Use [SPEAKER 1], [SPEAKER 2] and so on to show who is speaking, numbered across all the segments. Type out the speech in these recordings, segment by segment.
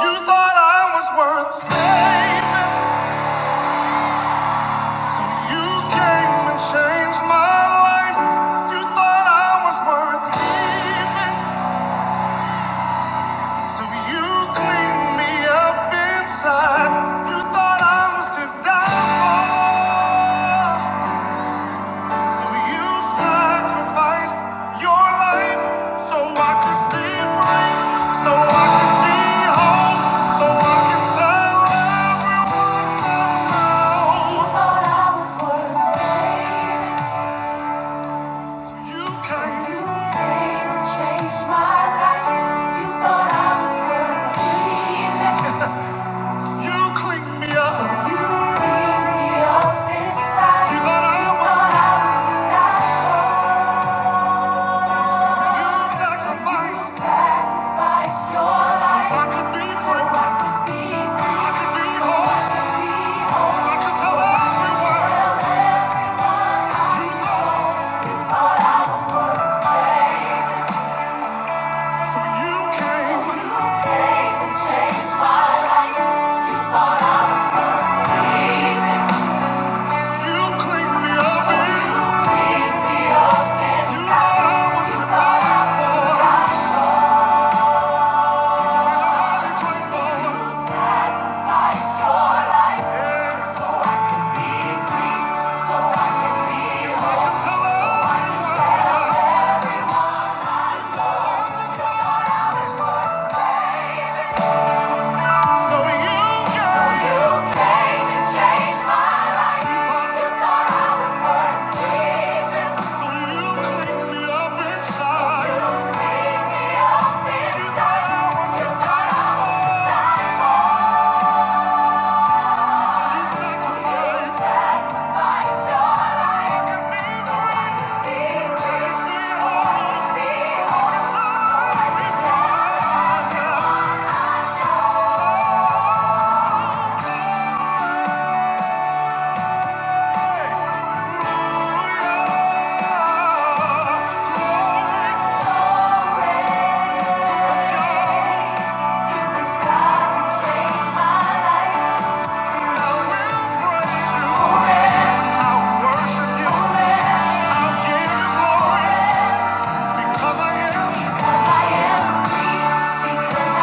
[SPEAKER 1] You thought I was worth saving, so you came and changed my life. You thought I was worth leaving, so you cleaned me up inside. You thought I was to die for. For you sacrificed your life so I could be free, so I could be whole, so I could tell everyone I know. You thought I was worth saving. So you came. You came and changed my life. You thought I was worth leaving. You cleaned me up. So you cleaned me up inside. You thought I was. You thought I was to die for sacrifice. So I could be free. I could be whole. I could tell everyone you know. So you came. You cleaned me up. You thought I was to die for. Inside, you thought I was the right one. I worship you. I give you glory. Because I am, come on, I me say, Hallelujah,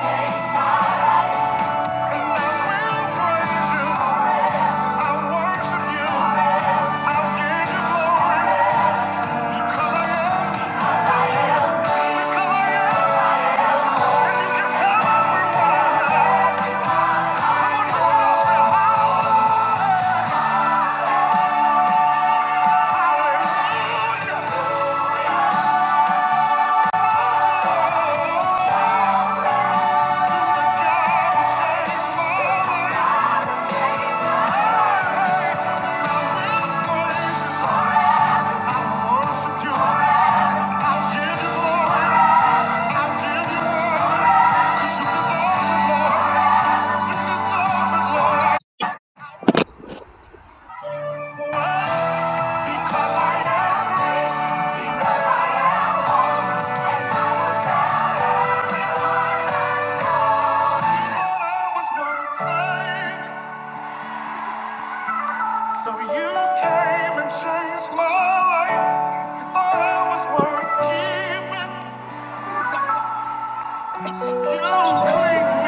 [SPEAKER 1] changed my life, and I will praise you. I worship you. I'll give you glory. Because I am, because I am, and you can tell everyone. Come on, come on, say, Hallelujah. So you came and changed my life. You thought I was worth keeping. You sacrificed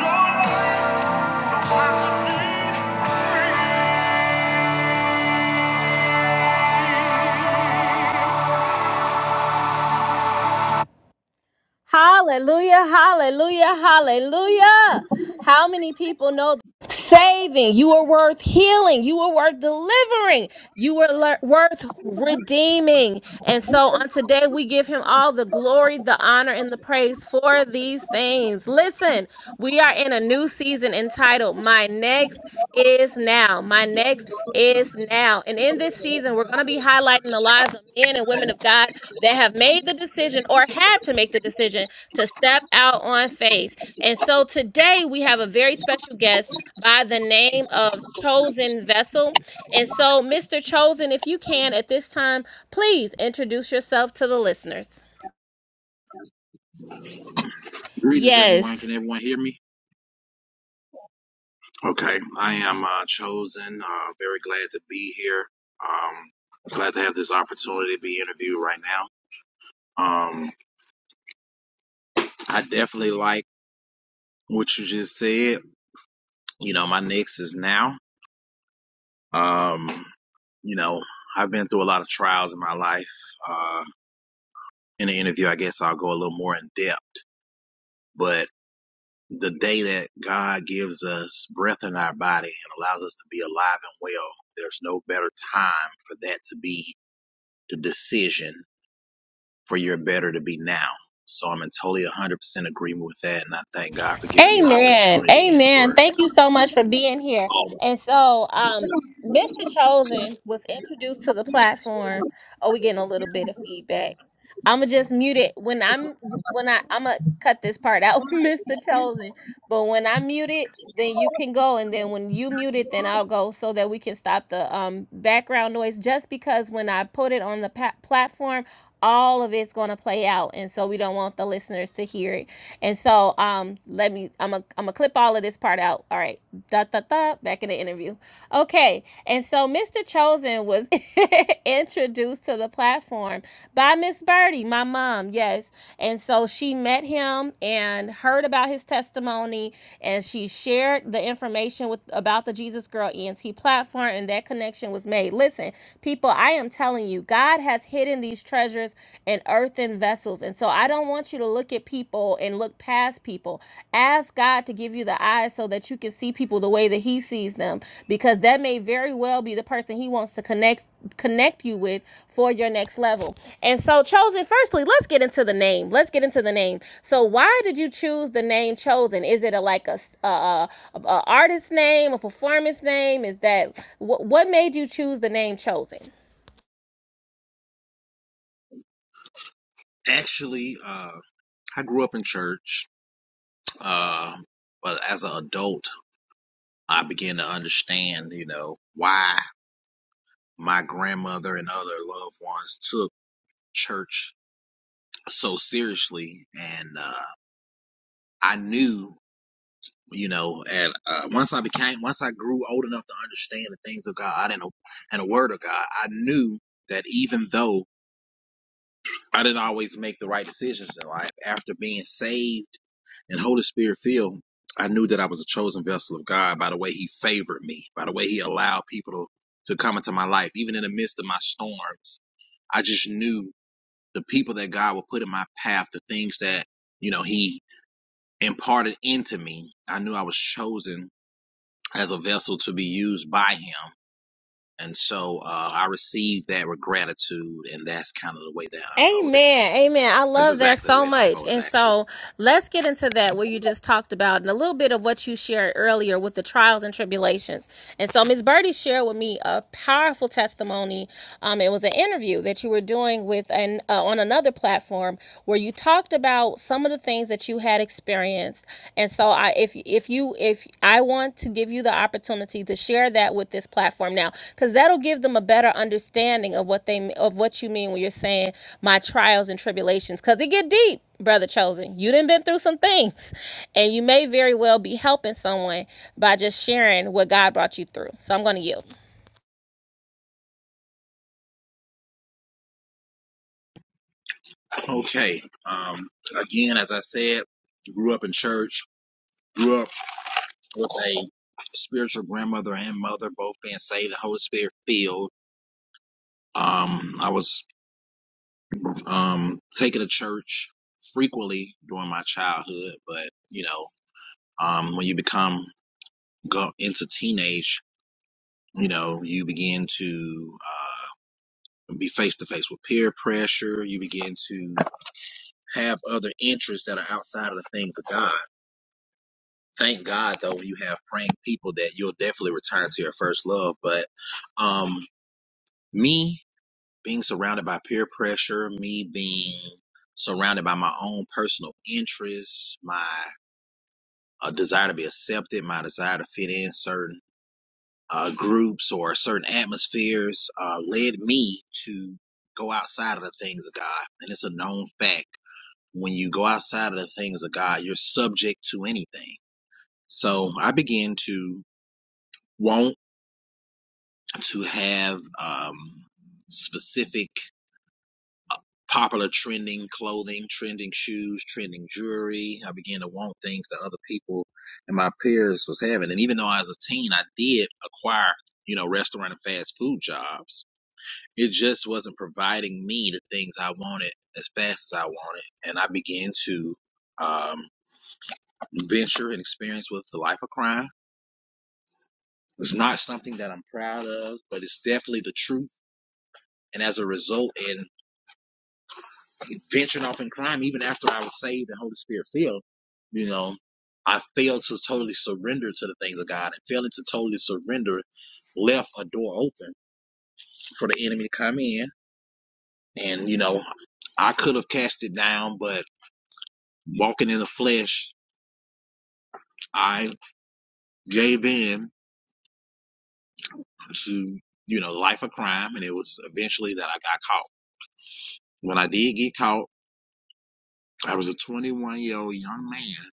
[SPEAKER 1] your life so I could be free. Hallelujah, hallelujah, hallelujah. How many people know saving? You are worth healing. You are worth delivering. You are le- worth redeeming. And so on today, we give him all the glory, the honor, and the praise for these things. Listen, we are in a new season entitled My Next Is Now. My Next is Now. And in this season, we're going to be highlighting the lives of men and women of God that have made the decision or had to make the decision to step out on faith. And so today we have a very special guest by the name of Chosen Vessel. And so, Mr. Chosen, if you can at this time, please introduce yourself to the listeners.
[SPEAKER 2] Greetings, everyone.
[SPEAKER 1] Yes.
[SPEAKER 2] Can everyone hear me? Okay, I am uh, chosen. Uh, very glad to be here. Um, glad to have this opportunity to be interviewed right now. Um, I definitely like what you just said. You know, my next is now. Um, you know, I've been through a lot of trials in my life. Uh, in the interview, I guess I'll go a little more in depth. But the day that God gives us breath in our body and allows us to be alive and well, there's no better time for that to be the decision for your better to be now. So I'm in totally 100% agreement with that. And I thank God for giving me the
[SPEAKER 1] Amen.
[SPEAKER 2] opportunity and
[SPEAKER 1] Amen.
[SPEAKER 2] for
[SPEAKER 1] Thank you so much for being here.
[SPEAKER 2] all of
[SPEAKER 1] And so, um, Mr. Chosen was introduced to the platform. Oh, we're getting a little bit of feedback. I'ma just mute it when I'm when I I'ma cut this part out, Mr. Chosen. But when I mute it, then you can go, and then when you mute it, then I'll go so that we can stop the um background noise. Just because when I put it on the pa- platform, all of it's gonna play out, and so we don't want the listeners to hear it. And so um, let me I'm a I'm gonna clip all of this part out. All right, da da da. Back in the interview. Okay, and so Mr. Chosen was introduced to the platform by Miss Birdie, my mom, yes. And so she met him and heard about his testimony, and she shared the information with about the Jesus Girl ENT platform, and that connection was made. Listen, people, I am telling you, God has hidden these treasures in earthen vessels, and so I don't want you to look at people people and look past people. Ask God to give you the eyes so that you can see people the way that He sees them, because that may very well be the person He wants to connect connect you with for your next level. And so, chosen. Firstly, let's get into the name. Let's get into the name. So, why did you choose the name chosen? Is it a like a a, a, a artist name, a performance name? Is that what what made you choose the name chosen?
[SPEAKER 2] it. Actually, uh, I grew up in church, uh, but as an adult, I began to understand, you know, why my grandmother and other loved ones took church so seriously, and uh, I knew, you know, and uh, once I became, once I grew old enough to understand the things of God and a, and the Word of God, I knew that even though I didn't always make the right decisions in life, after being saved and Holy Spirit filled, I knew that I was a chosen vessel of God by the way He favored me, by the way He allowed people to, to come into my life, even in the midst of my storms. I just knew the people that God would put in my path, the things that you know He imparted into me. I knew I was chosen as a vessel to be used by him. And so uh, I received that with gratitude, and that's kind of the way that it unfolded.
[SPEAKER 1] Amen. Amen. I
[SPEAKER 2] That's
[SPEAKER 1] love that
[SPEAKER 2] exactly the way
[SPEAKER 1] so
[SPEAKER 2] it
[SPEAKER 1] much.
[SPEAKER 2] unfolded,
[SPEAKER 1] And
[SPEAKER 2] actually.
[SPEAKER 1] so let's get into that where you just talked about and a little bit of what you shared earlier with the trials and tribulations. And so Ms. Birdie shared with me a powerful testimony. Um, it was an interview that you were doing with an uh, on another platform where you talked about some of the things that you had experienced and so I if if you if I want to give you the opportunity to share that with this platform now cuz that'll give them a better understanding of what they of what you mean when you're saying my trials and tribulations cuz it get deep, brother chosen. You done been through some things and you may very well be helping someone by just sharing what God brought you through. So I'm going to yield.
[SPEAKER 2] Okay. Um, again, as I said, grew up in church, grew up with a spiritual grandmother and mother, both being saved, the Holy Spirit filled. Um, I was um, taken to church frequently during my childhood, but you know, um, when you become go into teenage, you know, you begin to uh, be face to face with peer pressure. You begin to have other interests that are outside of the things of God. Thank God, though, when you have praying people, that you'll definitely return to your first love. But um, me being surrounded by peer pressure, me being surrounded by my own personal interests, my uh, desire to be accepted, my desire to fit in certain uh, groups or certain atmospheres uh, led me to go outside of the things of God. And it's a known fact. When you go outside of the things of God, you're subject to anything. So I began to want to have um, specific popular trending clothing, trending shoes, trending jewelry. I began to want things that other people and my peers was having. And even though I was a teen, I did acquire, you know, restaurant and fast food jobs It just wasn't providing me the things I wanted as fast as I wanted. And I began to um, venture and experience with the life of crime. It's not something that I'm proud of, but it's definitely the truth. And as a result, in venturing off in crime, even after I was saved and Holy Spirit filled, you know, I failed to totally surrender to the things of God and failing to totally surrender left a door open for the enemy to come in. And, you know, I could have cast it down, but walking in the flesh, I gave in to, you know, life of crime. And it was eventually that I got caught. When I did get caught, I was a 21 year old young man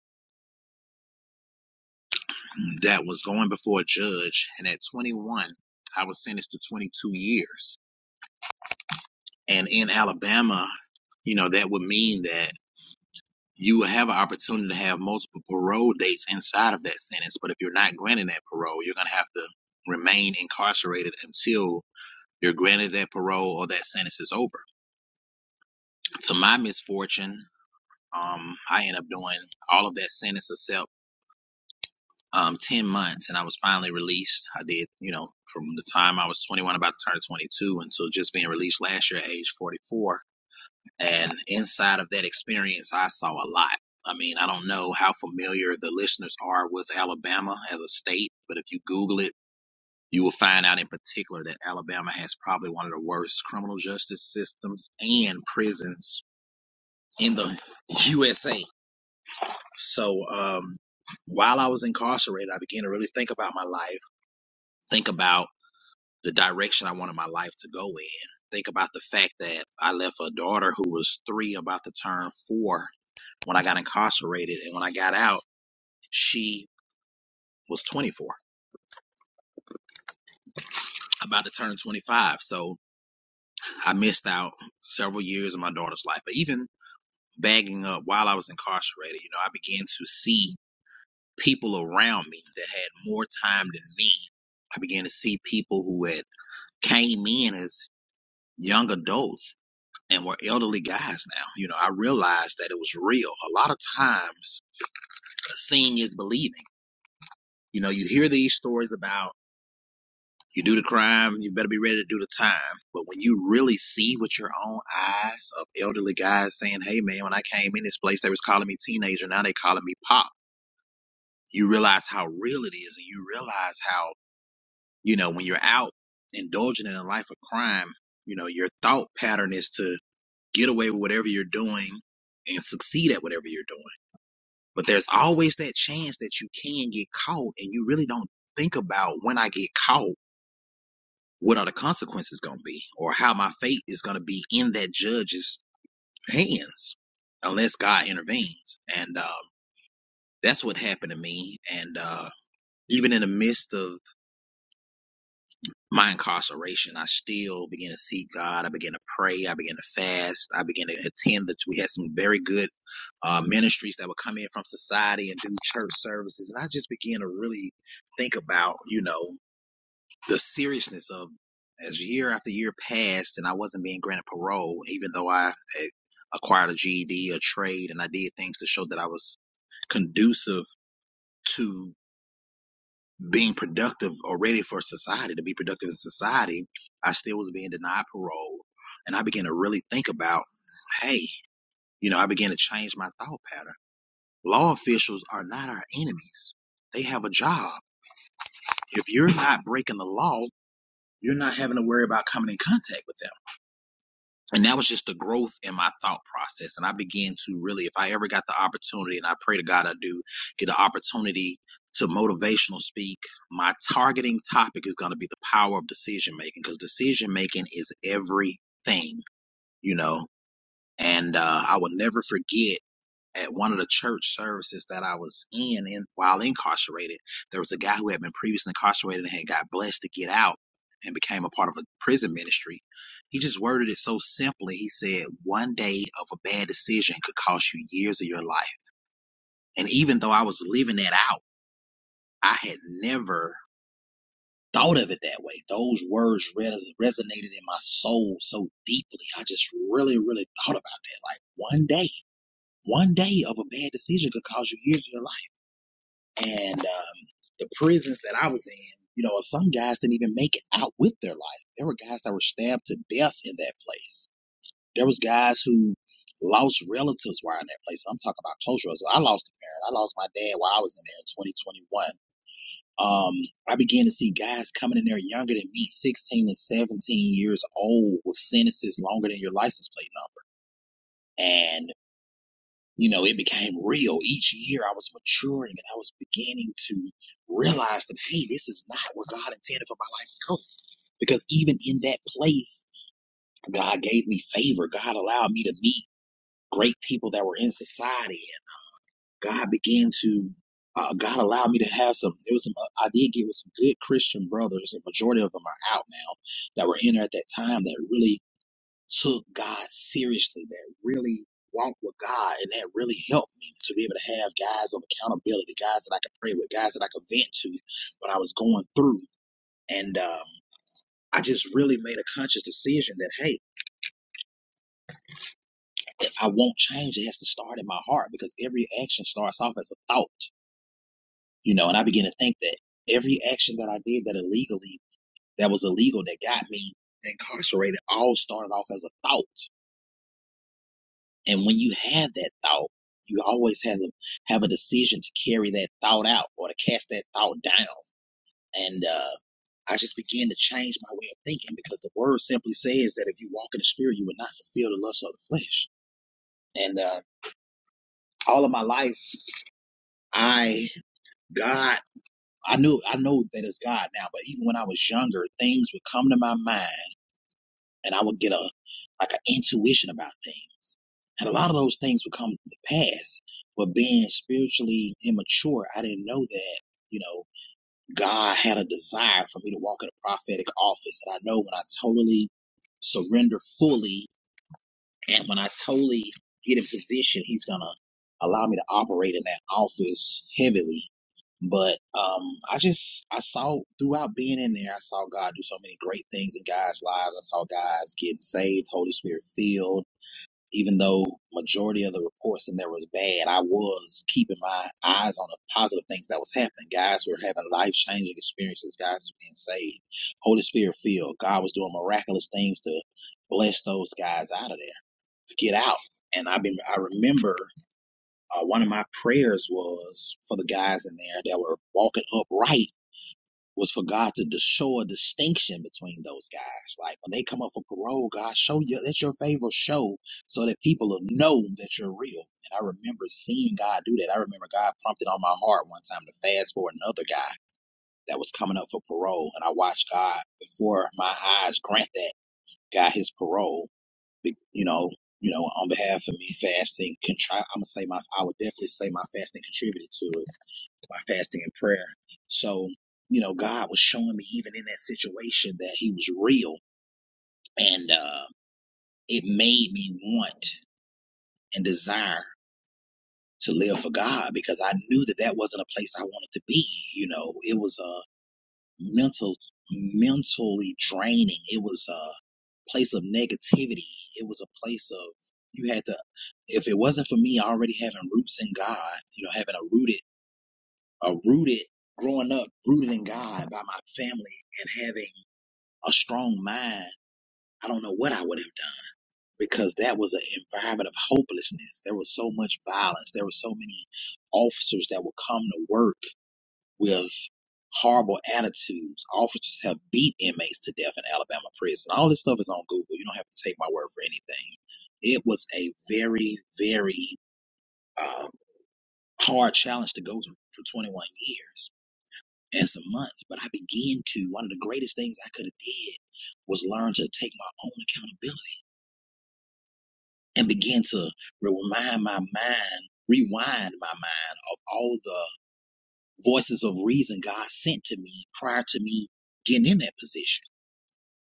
[SPEAKER 2] that was going before a judge. And at 21, I was sentenced to 22 years. And in Alabama, you know, that would mean that you will have an opportunity to have multiple parole dates inside of that sentence. But if you're not granted that parole, you're going to have to remain incarcerated until. You're granted that parole or that sentence is over. To my misfortune, um, I ended up doing all of that sentence except um, 10 months and I was finally released. I did, you know, from the time I was 21, about to turn 22, until just being released last year at age 44. And inside of that experience, I saw a lot. I mean, I don't know how familiar the listeners are with Alabama as a state, but if you Google it, You will find out in particular that Alabama has probably one of the worst criminal justice systems and prisons in the USA. So, um, while I was incarcerated, I began to really think about my life, think about the direction I wanted my life to go in, think about the fact that I left a daughter who was three, about to turn four when I got incarcerated. And when I got out, she was 24, about to turn 25. So I missed out several years of my daughter's life. But even bagging up while I was incarcerated, you know, I began to see people around me that had more time than me. I began to see people who had came in as young adults and were elderly guys now. You know, I realized that it was real. A lot of times, seeing is believing. You know, you hear these stories about you do the crime, you better be ready to do the time. But when you really see with your own eyes of elderly guys saying, hey man, when I came in this place, they was calling me teenager. Now they calling me pop you realize how real it is and you realize how you know when you're out indulging in a life of crime you know your thought pattern is to get away with whatever you're doing and succeed at whatever you're doing but there's always that chance that you can get caught and you really don't think about when i get caught what are the consequences going to be or how my fate is going to be in that judge's hands unless god intervenes and uh, that's what happened to me and uh, even in the midst of my incarceration, I still began to seek God. I began to pray. I began to fast. I began to attend that we had some very good uh, ministries that would come in from society and do church services. And I just began to really think about, you know, the seriousness of as year after year passed and I wasn't being granted parole, even though I had acquired a GED, a trade, and I did things to show that I was conducive to being productive or ready for society, to be productive in society, I still was being denied parole. And I began to really think about, hey, you know, I began to change my thought pattern. Law officials are not our enemies. They have a job. If you're not breaking the law, you're not having to worry about coming in contact with them and that was just the growth in my thought process and i began to really if i ever got the opportunity and i pray to god i do get the opportunity to motivational speak my targeting topic is going to be the power of decision making because decision making is everything you know and uh, i will never forget at one of the church services that I was in, in while incarcerated, there was a guy who had been previously incarcerated and had got blessed to get out and became a part of a prison ministry. He just worded it so simply. He said, One day of a bad decision could cost you years of your life. And even though I was living that out, I had never thought of it that way. Those words res- resonated in my soul so deeply. I just really, really thought about that. Like, one day, one day of a bad decision could cost you years of your life and um, the prisons that I was in, you know, some guys didn't even make it out with their life. There were guys that were stabbed to death in that place. There was guys who lost relatives while in that place. I'm talking about close relatives. I lost a parent. I lost my dad while I was in there in 2021. Um, I began to see guys coming in there younger than me, 16 and 17 years old, with sentences longer than your license plate number. and you know, it became real. Each year I was maturing and I was beginning to realize that, hey, this is not where God intended for my life to go. Because even in that place, God gave me favor. God allowed me to meet great people that were in society. And God began to, uh, God allowed me to have some, there was some, uh, I did get with some good Christian brothers. The majority of them are out now that were in there at that time that really took God seriously, that really walked with God, and that really helped me to be able to have guys of accountability, guys that I could pray with, guys that I could vent to when I was going through. And um, I just really made a conscious decision that, hey, if I want change, it has to start in my heart because every action starts off as a thought, you know, and I began to think that every action that I did that illegally, that was illegal, that got me incarcerated, all started off as a thought And when you have that thought, you always have a, have a decision to carry that thought out or to cast that thought down. And uh, I just began to change my way of thinking because the word simply says that if you walk in the spirit, you will not fulfill the lust of the flesh. And uh, all of my life, I, God, I knew, I know that it's God now, but even when I was younger, things would come to my mind and I would get a, like an intuition about things. And a lot of those things would come to pass. But being spiritually immature, I didn't know that, you know, God had a desire for me to walk in a prophetic office. And I know when I totally surrender fully and when I totally get in position, He's going to allow me to operate in that office heavily. But um, I just I saw throughout being in there, I saw God do so many great things in guys' lives. I saw guys getting saved, Holy Spirit filled even though majority of the reports in there was bad, I was keeping my eyes on the positive things that was happening. Guys were having life changing experiences. Guys were being saved. Holy Spirit filled. God was doing miraculous things to bless those guys out of there to get out. And I been I remember uh, one of my prayers was for the guys in there that were walking upright was for God to, to show a distinction between those guys. Like when they come up for parole, God, show you that's your favor show so that people will know that you're real. And I remember seeing God do that. I remember God prompted on my heart one time to fast for another guy that was coming up for parole. And I watched God before my eyes grant that guy his parole, be- you know. You know, on behalf of me, fasting contri I'm gonna say my, I would definitely say my fasting contributed to it by fasting and prayer. So, you know, God was showing me even in that situation that He was real. And uh, it made me want and desire to live for God because I knew that that wasn't a place I wanted to be. You know, it was a mental, mentally draining. It was a place of negativity. It was a place of, you had to, if it wasn't for me already having roots in God, you know, having a rooted uh, rooted, growing up rooted in God by my family and having a strong mind, I don't know what I would have done because that was an environment of hopelessness. There was so much violence. There were so many officers that would come to work with horrible attitudes. Officers have beat inmates to death in Alabama prison. All this stuff is on Google. You don't have to take my word for anything. It was a very, very uh, hard challenge to go through for 21 years and some months, but I began to, one of the greatest things I could have did was learn to take my own accountability and begin to remind my mind, rewind my mind of all the voices of reason God sent to me prior to me getting in that position.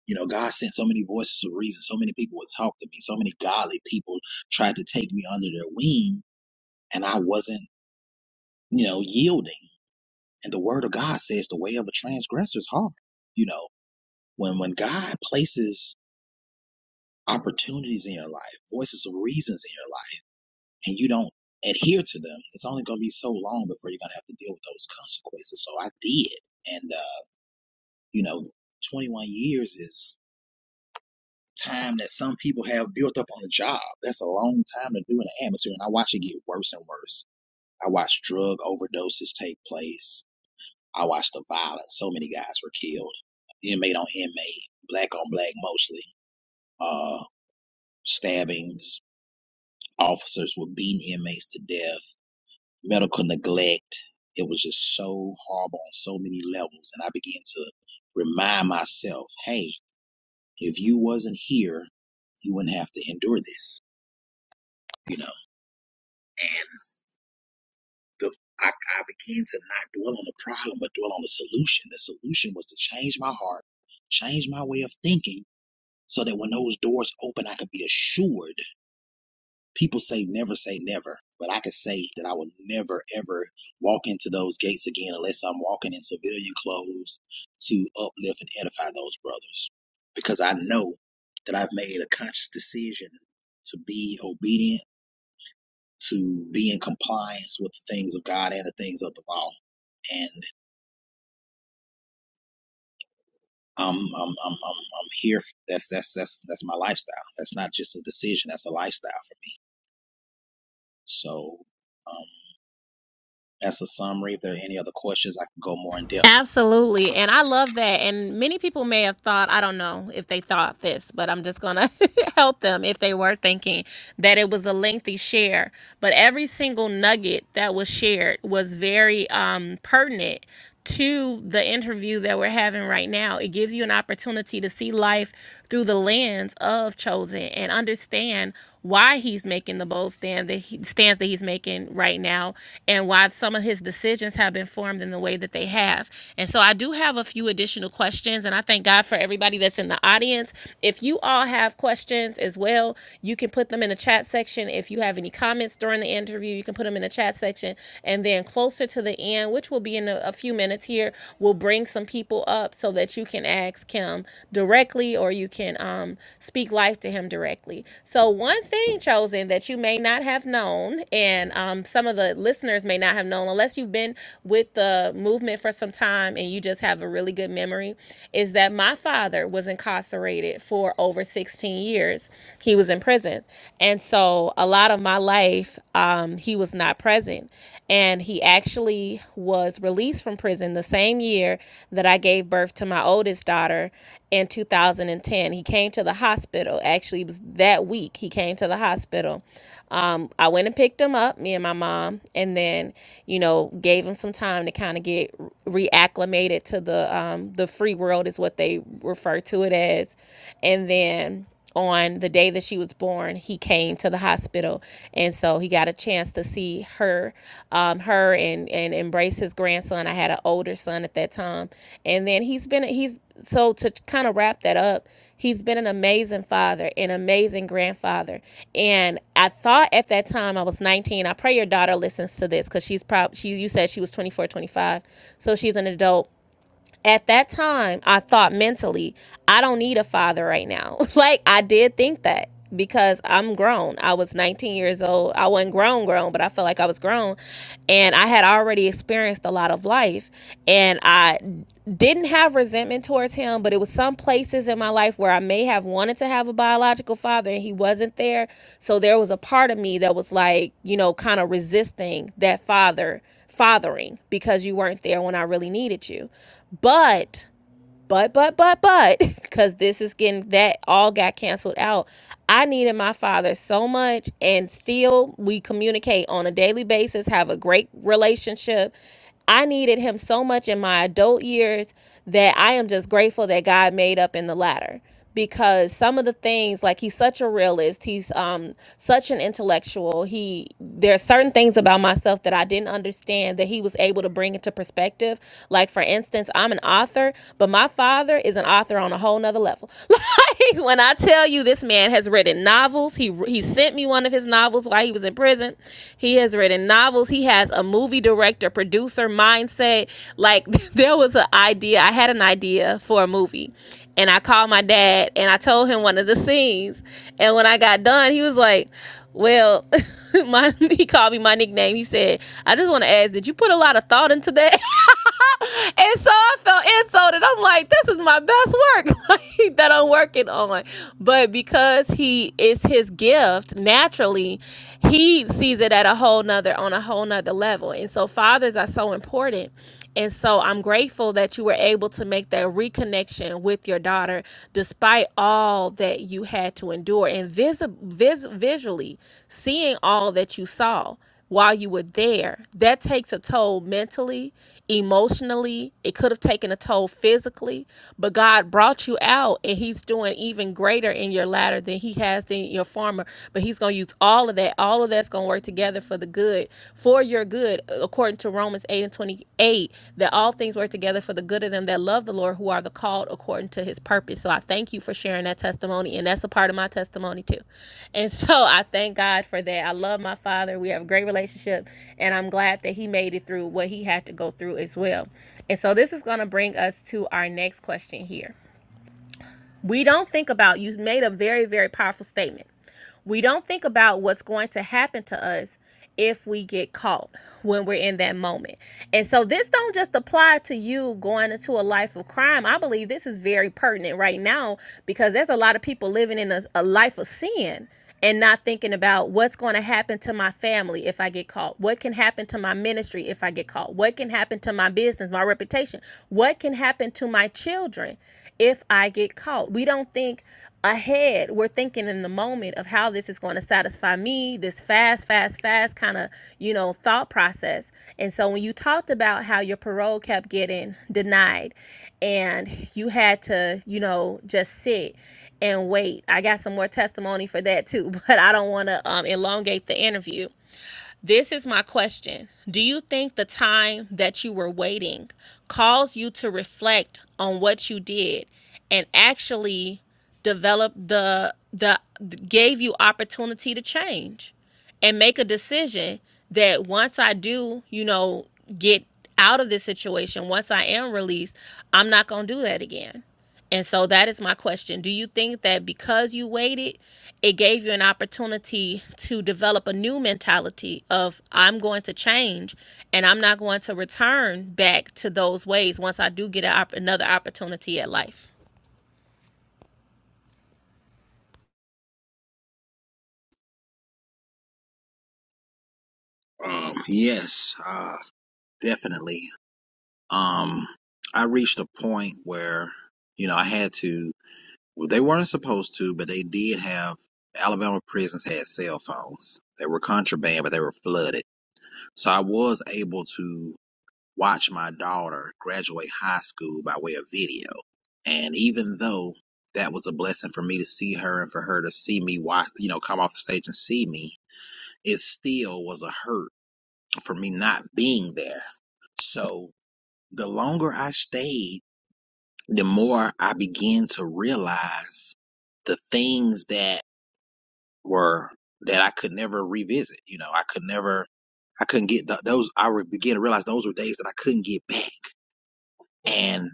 [SPEAKER 2] You know, God sent so many voices of reason. So many people would talk to me. So many godly people tried to take me under their wing and I wasn't, you know, yielding. And the word of God says the way of a transgressor is hard. You know, when, when God places opportunities in your life, voices of reasons in your life, and you don't adhere to them, it's only going to be so long before you're going to have to deal with those consequences. So I did. And, uh, you know, 21 years is time that some people have built up on a job. That's a long time to do in the atmosphere. And I watched it get worse and worse. I watched drug overdoses take place. I watched the violence. So many guys were killed. Inmate on inmate, black on black mostly. Uh, stabbings, officers were beating inmates to death medical neglect. It was just so horrible on so many levels. And I began to remind myself, hey, if you wasn't here, you wouldn't have to endure this. You know, the, I, I began to not dwell on the problem, but dwell on the solution. The solution was to change my heart, change my way of thinking so that when those doors open, I could be assured. People say never say never, but I can say that I will never ever walk into those gates again unless I'm walking in civilian clothes to uplift and edify those brothers. Because I know that I've made a conscious decision to be obedient, to be in compliance with the things of God and the things of the law. And I'm I'm I'm I'm, I'm here. For, that's that's that's that's my lifestyle. That's not just a decision. That's a lifestyle for me. So Um, That's a summary. If there are any other questions, I can go more in depth.
[SPEAKER 1] Absolutely. And I love that. And many people may have thought, I don't know if they thought this, but I'm just going to help them if they were thinking that it was a lengthy share. But every single nugget that was shared was very um, pertinent to the interview that we're having right now. It gives you an opportunity to see life through the lens of chosen and understand why he's making the bold stand that he, stands that he's making right now and why some of his decisions have been formed in the way that they have and so i do have a few additional questions and i thank god for everybody that's in the audience if you all have questions as well you can put them in the chat section if you have any comments during the interview you can put them in the chat section and then closer to the end which will be in a, a few minutes minutes here. We'll bring some people up so that you can ask Kim directly or you can um, speak life to him directly. So, one thing, Chosen, that you may not have known, and um, some of the listeners may not have known, unless you've been with the movement for some time and you just have a really good memory, is that my father was incarcerated for over 16 years. He was in prison. And so, a lot of my life, um, he was not present and he actually was released from prison the same year that I gave birth to my oldest daughter in 2010. He came to the hospital. Actually, it was that week he came to the hospital. Um, I went and picked him up, me and my mom, and then you know gave him some time to kind of get reacclimated to the um, the free world is what they refer to it as, and then on the day that she was born he came to the hospital and so he got a chance to see her um, her and and embrace his grandson i had an older son at that time and then he's been he's so to kind of wrap that up he's been an amazing father an amazing grandfather and i thought at that time i was 19 i pray your daughter listens to this because she's probably she you said she was 24, 25, so she's an adult at that time, I thought mentally, I don't need a father right now. like I did think that because I'm grown. I was 19 years old. I wasn't grown grown, but I felt like I was grown and I had already experienced a lot of life and I didn't have resentment towards him, but it was some places in my life where I may have wanted to have a biological father and he wasn't there. So there was a part of me that was like, you know, kind of resisting that father fathering because you weren't there when I really needed you. But, but, but, but, but, because this is getting that all got canceled out. I needed my father so much, and still we communicate on a daily basis, have a great relationship. I needed him so much in my adult years that I am just grateful that God made up in the latter because some of the things like he's such a realist he's um such an intellectual he there are certain things about myself that i didn't understand that he was able to bring into perspective like for instance i'm an author but my father is an author on a whole nother level. Like when I tell you this man has written novels, he he sent me one of his novels while he was in prison. He has written novels. He has a movie director, producer mindset. Like there was an idea. I had an idea for a movie. And I called my dad and I told him one of the scenes. And when I got done, he was like, well, my he called me my nickname. He said, "I just want to ask, did you put a lot of thought into that?" and so I felt insulted. I'm like, this is my best work that I'm working on. But because he is his gift naturally, he sees it at a whole nother on a whole nother level. And so fathers are so important. And so I'm grateful that you were able to make that reconnection with your daughter despite all that you had to endure and vis vis- visually seeing all that you saw while you were there, that takes a toll mentally, emotionally. It could have taken a toll physically, but God brought you out and He's doing even greater in your latter than He has in your former. But He's going to use all of that. All of that's going to work together for the good, for your good, according to Romans 8 and 28 that all things work together for the good of them that love the Lord, who are the called according to his purpose. So I thank you for sharing that testimony, and that's a part of my testimony too. And so I thank God for that. I love my father. We have a great relationship, and I'm glad that he made it through what he had to go through as well. And so this is going to bring us to our next question here. We don't think about, you made a very, very powerful statement we don't think about what's going to happen to us if we get caught when we're in that moment. And so this don't just apply to you going into a life of crime. I believe this is very pertinent right now because there's a lot of people living in a, a life of sin and not thinking about what's going to happen to my family if I get caught. What can happen to my ministry if I get caught? What can happen to my business, my reputation? What can happen to my children? if I get caught. We don't think ahead. We're thinking in the moment of how this is going to satisfy me, this fast, fast, fast kind of, you know, thought process. And so when you talked about how your parole kept getting denied and you had to, you know, just sit and wait. I got some more testimony for that too, but I don't want to um, elongate the interview. This is my question. Do you think the time that you were waiting caused you to reflect on what you did and actually develop the the gave you opportunity to change and make a decision that once I do, you know, get out of this situation, once I am released, I'm not going to do that again. And so that is my question. Do you think that because you waited, it gave you an opportunity to develop a new mentality of I'm going to change and I'm not going to return back to those ways once I do get an opp- another opportunity at life?
[SPEAKER 2] Um, yes, uh, definitely. Um, I reached a point where, you know, I had to, well, they weren't supposed to, but they did have, Alabama prisons had cell phones. They were contraband, but they were flooded. So I was able to watch my daughter graduate high school by way of video. And even though that was a blessing for me to see her and for her to see me watch, you know, come off the stage and see me, it still was a hurt for me not being there. So the longer I stayed, the more I began to realize the things that were that I could never revisit. You know, I could never, I couldn't get th- those. I would begin to realize those were days that I couldn't get back. And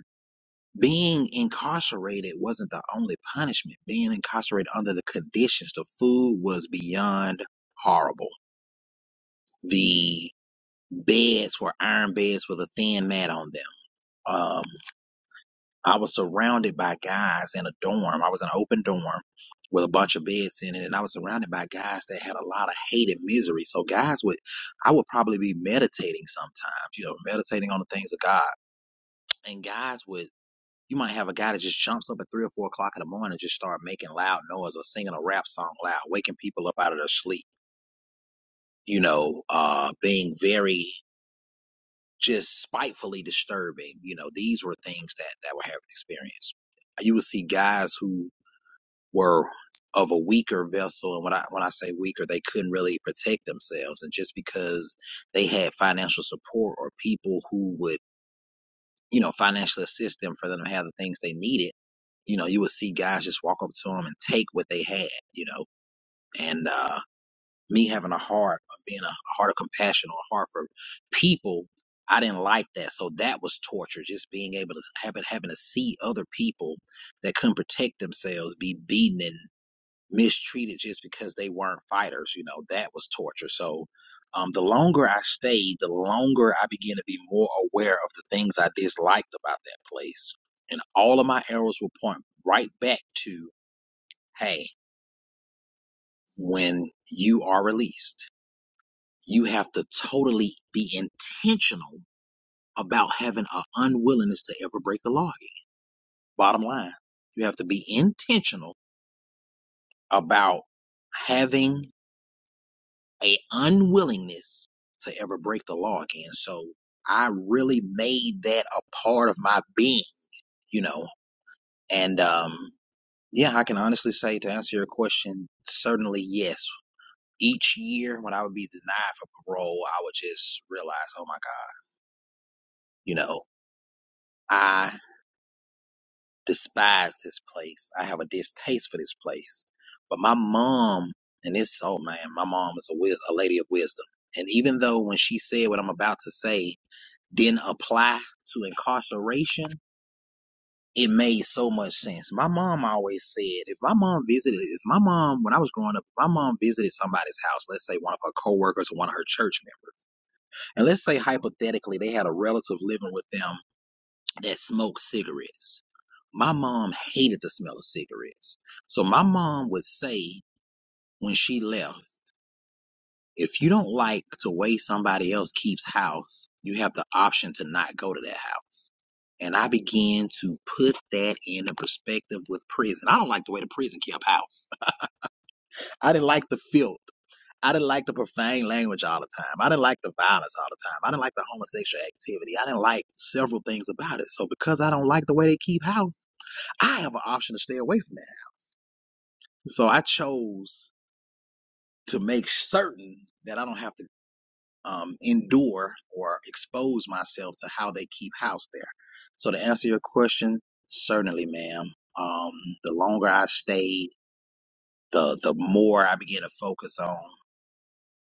[SPEAKER 2] being incarcerated wasn't the only punishment. Being incarcerated under the conditions, the food was beyond horrible. The Beds were iron beds with a thin mat on them. Um, I was surrounded by guys in a dorm. I was in an open dorm with a bunch of beds in it, and I was surrounded by guys that had a lot of hate and misery. So guys would, I would probably be meditating sometimes, you know, meditating on the things of God. And guys would, you might have a guy that just jumps up at three or four o'clock in the morning and just start making loud noise or singing a rap song loud, waking people up out of their sleep you know, uh, being very just spitefully disturbing. You know, these were things that that were having experience. You would see guys who were of a weaker vessel, and when I when I say weaker, they couldn't really protect themselves, and just because they had financial support or people who would you know financially assist them for them to have the things they needed, you know, you would see guys just walk up to them and take what they had, you know, and. uh, me having a heart of being a, a heart of compassion or a heart for people i didn't like that so that was torture just being able to having having to see other people that couldn't protect themselves be beaten and mistreated just because they weren't fighters you know that was torture so um, the longer i stayed the longer i began to be more aware of the things i disliked about that place and all of my arrows will point right back to hey when you are released you have to totally be intentional about having an unwillingness to ever break the law again. Bottom line, you have to be intentional about having a unwillingness to ever break the law again. So I really made that a part of my being, you know, and, um, yeah, I can honestly say to answer your question, certainly yes. Each year when I would be denied for parole, I would just realize, oh my God, you know, I. despise this place. I have a distaste for this place. But my mom, and this, oh man, my mom is a, wis- a lady of wisdom. And even though when she said what I'm about to say didn't apply to incarceration, it made so much sense. My mom always said, if my mom visited, if my mom, when I was growing up, if my mom visited somebody's house, let's say one of her coworkers or one of her church members, and let's say hypothetically they had a relative living with them that smoked cigarettes. My mom hated the smell of cigarettes. So my mom would say when she left, if you don't like the way somebody else keeps house, you have the option to not go to that house. And I began to put that into perspective with prison. I don't like the way the prison kept house. I didn't like the filth. I didn't like the profane language all the time. I didn't like the violence all the time. I didn't like the homosexual activity. I didn't like several things about it. So because I don't like the way they keep house, I have an option to stay away from that. So I chose to make certain that I don't have to um, endure or expose myself to how they keep house there. So to answer your question, certainly, ma'am. Um, the longer I stayed, the the more I began to focus on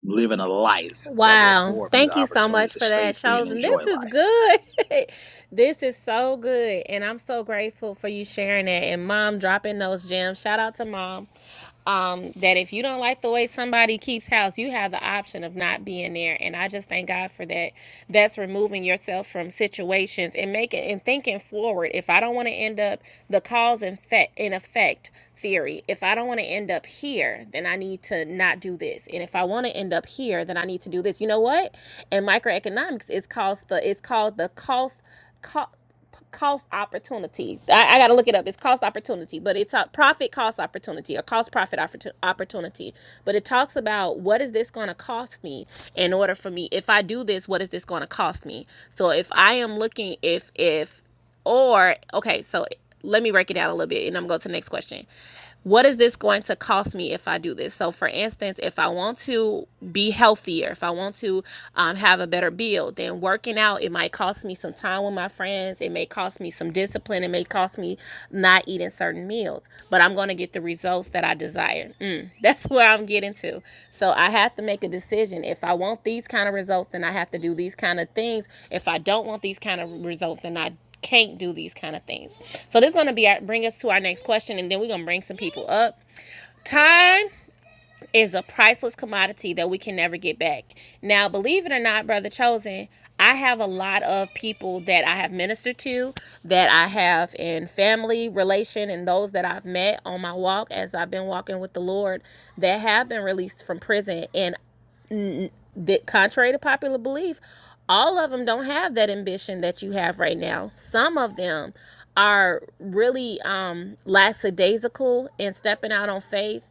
[SPEAKER 2] living a life that will
[SPEAKER 1] Wow.
[SPEAKER 2] afford me the
[SPEAKER 1] Thank you so
[SPEAKER 2] opportunity
[SPEAKER 1] much
[SPEAKER 2] to
[SPEAKER 1] for
[SPEAKER 2] stay
[SPEAKER 1] that,
[SPEAKER 2] free and
[SPEAKER 1] Chosen.
[SPEAKER 2] enjoy
[SPEAKER 1] This is
[SPEAKER 2] life.
[SPEAKER 1] good. this is so good. And I'm so grateful for you sharing that and mom dropping those gems. Shout out to mom. um, that if you don't like the way somebody keeps house, you have the option of not being there. And I just thank God for that. That's removing yourself from situations and making and thinking forward. If I don't want to end up the cause and effect in effect theory, if I don't want to end up here, then I need to not do this. And if I want to end up here, then I need to do this. You know what? In microeconomics, it's called the it's called the cost. cost cost opportunity. I, I got to look it up. It's cost opportunity, but it's a profit cost opportunity or cost profit opportu- opportunity. But it talks about what is this going to cost me in order for me if I do this, what is this going to cost me? So if I am looking if if or okay, so let me break it down a little bit and I'm going to go to the next question what is this going to cost me if I do this? So, for instance, if I want to be healthier, if I want to um, have a better build, then working out, it might cost me some time with my friends. It may cost me some discipline. It may cost me not eating certain meals, but I'm going to get the results that I desire. Mm, that's where I'm getting to. So, I have to make a decision. If I want these kind of results, then I have to do these kind of things. If I don't want these kind of results, then I can't do these kind of things. So this is going to be our, bring us to our next question, and then we're going to bring some people up. Time is a priceless commodity that we can never get back. Now, believe it or not, brother chosen, I have a lot of people that I have ministered to, that I have in family relation, and those that I've met on my walk as I've been walking with the Lord that have been released from prison, and that contrary to popular belief, all of them don't have that ambition that you have right now. Some of them are really um, lackadaisical and stepping out on faith.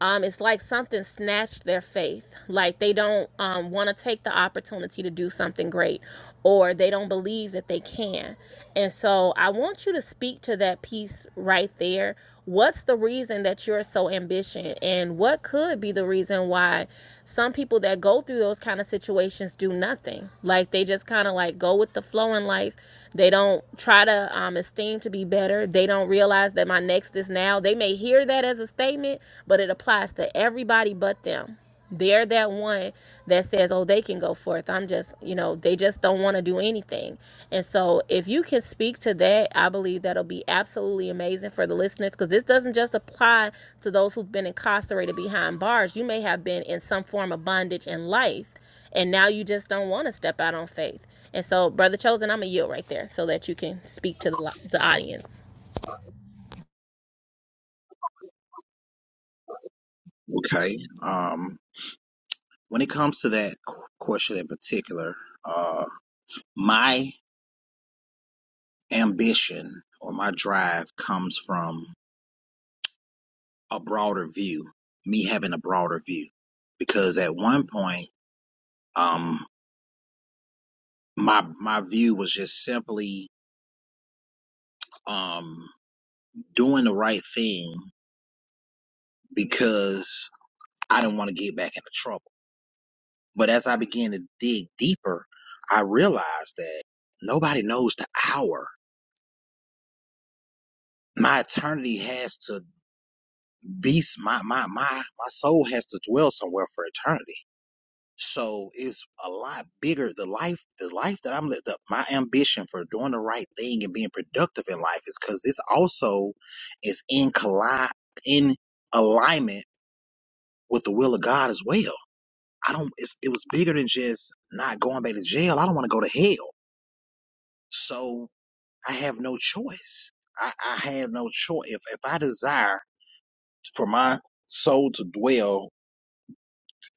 [SPEAKER 1] Um, it's like something snatched their faith. Like they don't um, want to take the opportunity to do something great, or they don't believe that they can. And so I want you to speak to that piece right there what's the reason that you're so ambitious and what could be the reason why some people that go through those kind of situations do nothing like they just kind of like go with the flow in life they don't try to um, esteem to be better they don't realize that my next is now they may hear that as a statement but it applies to everybody but them they're that one that says, oh, they can go forth. I'm just, you know, they just don't want to do anything. And so if you can speak to that, I believe that'll be absolutely amazing for the listeners because this doesn't just apply to those who've been incarcerated behind bars. You may have been in some form of bondage in life and now you just don't want to step out on faith. And so, Brother Chosen, I'm going to yield right there so that you can speak to the, lo- the audience.
[SPEAKER 2] Okay. Um, when it comes to that qu- question in particular, uh, my ambition or my drive comes from a broader view, me having a broader view. Because at one point, um, my my view was just simply um doing the right thing because I didn't want to get back into trouble. But as I began to dig deeper, I realized that nobody knows the hour. My eternity has to be my my my my soul has to dwell somewhere for eternity So it's a lot bigger. The life, the life that I'm, li- the, my ambition for doing the right thing and being productive in life is because this also is in collide, in alignment with the will of God as well. I don't, it's, it was bigger than just not going back to jail. I don't want to go to hell. So I have no choice. I, I have no choice. If, if I desire for my soul to dwell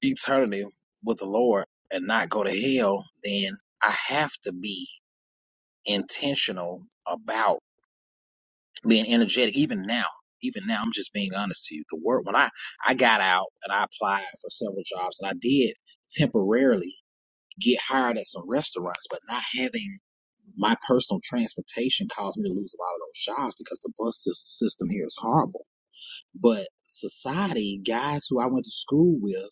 [SPEAKER 2] eternity with the Lord and not go to hell, then I have to be. intentional about being energetic even now even now i'm just being honest to you the work when i i got out and i applied for several jobs and i did temporarily get hired at some restaurants but not having my personal transportation caused me to lose a lot of those jobs because the bus sys- system here is horrible but society guys who i went to school with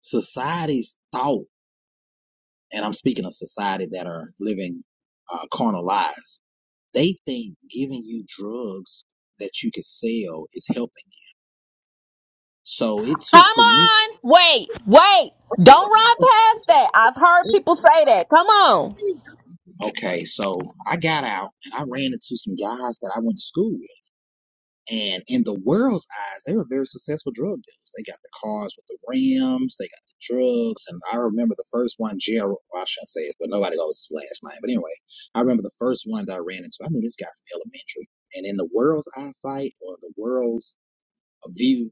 [SPEAKER 2] society's thought and i'm speaking of society that are living uh, carnal lives They think giving you drugs that you can sell is helping. it. So it
[SPEAKER 1] Come
[SPEAKER 2] took for me.
[SPEAKER 1] on. Wait, wait. Don't run past that. I've heard people say that. Come on.
[SPEAKER 2] Okay, so I got out and I ran into some guys that I went to school with. And in the world's eyes, they were very successful drug dealers. They got the cars with the rims, they got the drugs. And I remember the first one, Gerald, well, I shouldn't say it, but nobody knows his last name. But anyway, I remember the first one that I ran into. I knew this guy from elementary. And in the world's eyesight or the world's view,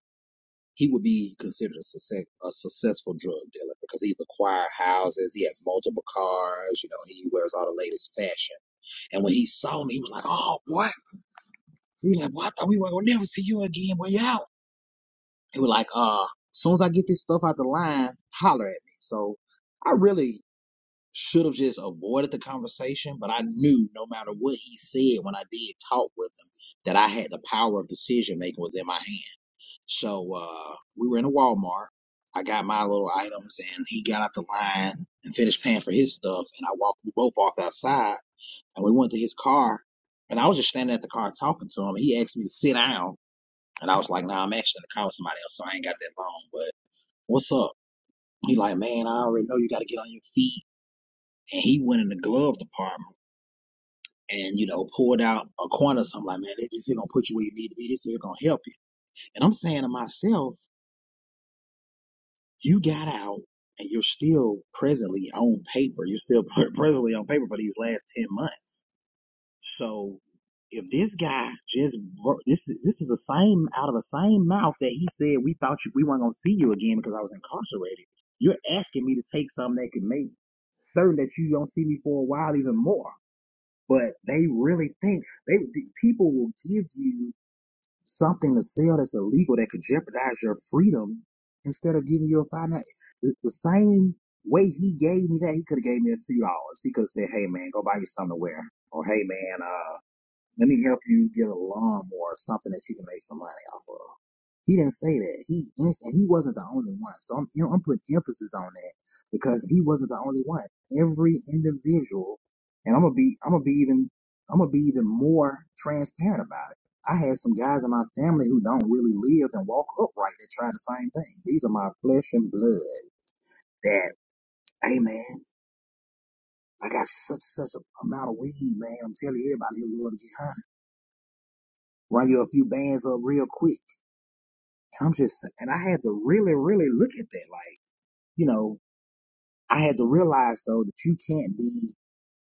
[SPEAKER 2] he would be considered a, success, a successful drug dealer because he's acquired houses, he has multiple cars, you know, he wears all the latest fashion. And when he saw me, he was like, "Oh, boy," he was like, "Boy, I thought we were gonna never see you again. Where you out?" He was like, "Uh, as soon as I get this stuff out the line, holler at me." So I really should have just avoided the conversation, but I knew no matter what he said when I did talk with him that I had the power of decision making was in my hands. So uh, we were in a Walmart. I got my little items, and he got out the line and finished paying for his stuff. And I walked we both walked outside, and we went to his car. And I was just standing at the car talking to him. He asked me to sit down, and I was like, "Nah, I'm actually in the car with somebody else, so I ain't got that long." But what's up? He like, "Man, I already know you got to get on your feet." And he went in the glove department. And you know, pulled out a corner. or something like, man, this is gonna put you where you need to be. This is gonna help you. And I'm saying to myself, You got out and you're still presently on paper. You're still presently on paper for these last 10 months. So if this guy just, ver- this is, this is the same, out of the same mouth that he said, we thought you, we weren't going to see you again because I was incarcerated. You're asking me to take something that can make certain that you don't see me for a while even more. But they really think they, the people will give you something to sell that's illegal that could jeopardize your freedom instead of giving you a five nine the, the same way he gave me that he could have gave me a few dollars he could have said hey man go buy you something to wear or hey man uh." Let me help you get a lawnmower or something that you can make some money off of. He didn't say that. He and he wasn't the only one. So I'm I'm putting emphasis on that because he wasn't the only one. Every individual, and I'm gonna be I'm gonna be even I'm gonna be even more transparent about it. I had some guys in my family who don't really live and walk upright that tried the same thing. These are my flesh and blood. That hey man, I got such such a amount of weed, man. I'm telling everybody here, Lord, to get high. Run you a few bands up real quick. I'm just, and I had to really, really look at that. Like, you know, I had to realize though that you can't be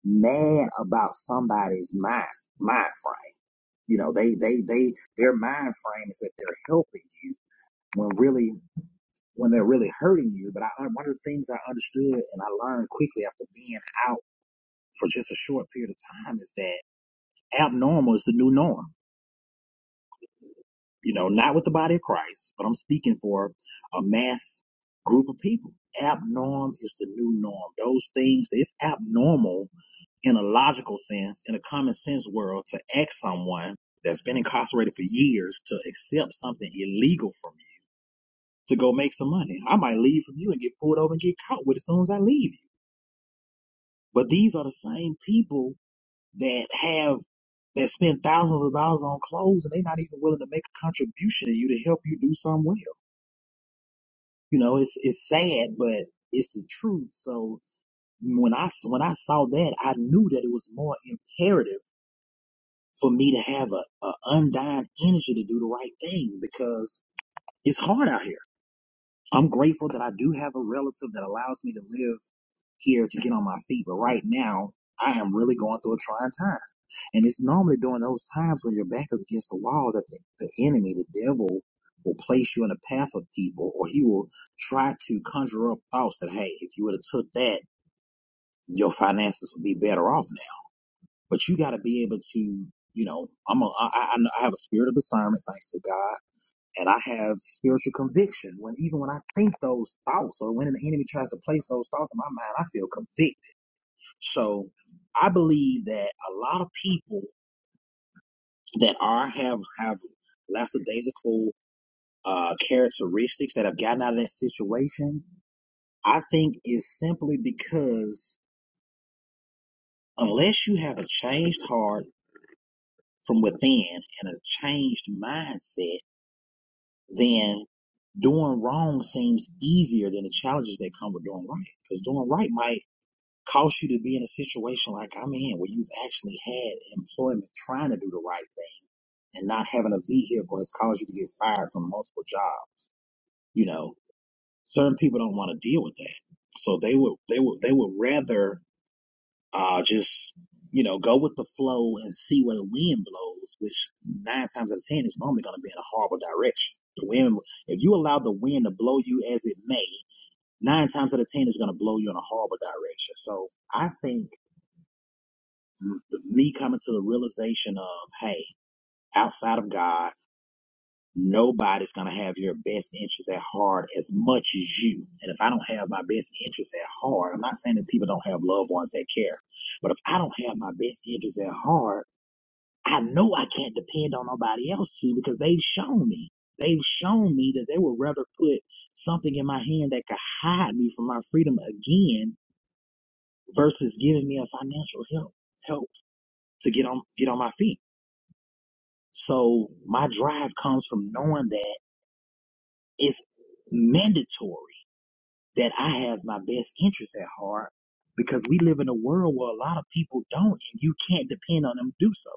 [SPEAKER 2] mad about somebody's mind, mind frame. You know, they, they, they, their mind frame is that they're helping you when really, when they're really hurting you. But I, one of the things I understood and I learned quickly after being out for just a short period of time is that abnormal is the new norm you know, not with the body of Christ, but I'm speaking for a mass group of people. Abnorm is the new norm. Those things, it's abnormal in a logical sense, in a common sense world, to ask someone that's been incarcerated for years to accept something illegal from you to go make some money. I might leave from you and get pulled over and get caught with it as soon as I leave you. But these are the same people that have that spend thousands of dollars on clothes and they're not even willing to make a contribution to you to help you do something well. You know, it's it's sad, but it's the truth. So when I when I saw that, I knew that it was more imperative for me to have a, a undying energy to do the right thing because it's hard out here. I'm grateful that I do have a relative that allows me to live here to get on my feet, but right now I am really going through a trying time. And it's normally during those times when your back is against the wall that the, the enemy, the devil, will place you in the path of people, or he will try to conjure up thoughts that, hey, if you would have took that, your finances would be better off now. But you got to be able to, you know, I'm a, I, I, I have a spirit of discernment, thanks to God, and I have spiritual conviction. When even when I think those thoughts, or when the enemy tries to place those thoughts in my mind, I feel convicted. So I believe that a lot of people that are have have lackadaisical uh, characteristics that have gotten out of that situation, I think is simply because unless you have a changed heart from within and a changed mindset, then doing wrong seems easier than the challenges that come with doing right. Because doing right might cause you to be in a situation like I'm in where you've actually had employment trying to do the right thing and not having a vehicle has caused you to get fired from multiple jobs you know Certain people don't want to deal with that, so they would they would they would rather uh, just you know go with the flow and see where the wind blows. Which nine times out of ten is normally going to be in a horrible direction. The wind, if you allow the wind to blow you as it may, nine times out of ten is going to blow you in a horrible direction. So I think the, me coming to the realization of hey, outside of God. nobody's going to have your best interest at heart as much as you. And if I don't have my best interest at heart, I'm not saying that people don't have loved ones that care, but if I don't have my best interest at heart, I know I can't depend on nobody else to because they've shown me. They've shown me that they would rather put something in my hand that could hide me from my freedom again versus giving me a financial help help to get on get on my feet. So my drive comes from knowing that it's mandatory that I have my best interests at heart because we live in a world where a lot of people don't and you can't depend on them to do so.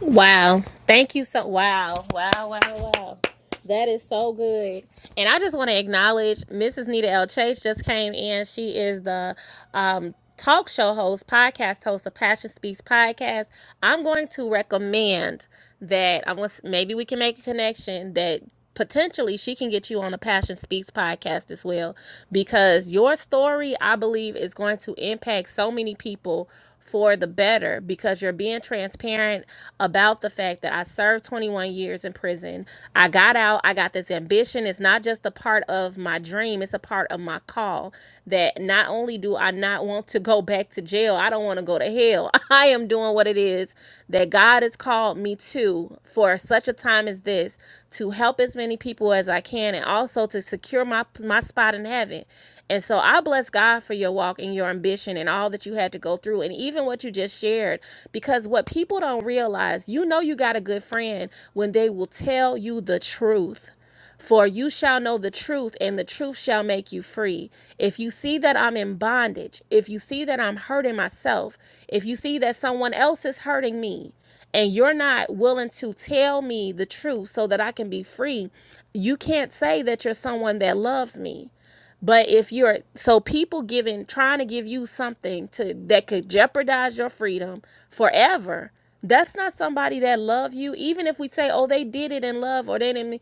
[SPEAKER 1] Wow. Thank you so wow. Wow, wow, wow. That is so good. And I just want to acknowledge Mrs. Nita L. Chase just came in. She is the um talk show host, podcast host of Passion Speaks Podcast. I'm going to recommend that I was maybe we can make a connection that potentially she can get you on a Passion Speaks podcast as well because your story I believe is going to impact so many people for the better because you're being transparent about the fact that I served 21 years in prison. I got out, I got this ambition. It's not just a part of my dream, it's a part of my call. That not only do I not want to go back to jail, I don't want to go to hell. I am doing what it is that God has called me to for such a time as this to help as many people as I can and also to secure my my spot in heaven. And so I bless God for your walk and your ambition and all that you had to go through and even what you just shared. Because what people don't realize, you know, you got a good friend when they will tell you the truth. For you shall know the truth, and the truth shall make you free. If you see that I'm in bondage, if you see that I'm hurting myself, if you see that someone else is hurting me, and you're not willing to tell me the truth so that I can be free, you can't say that you're someone that loves me but if you're so people giving trying to give you something to that could jeopardize your freedom forever, that's not somebody that love you. Even if we say, oh, they did it in love or they didn't. mean-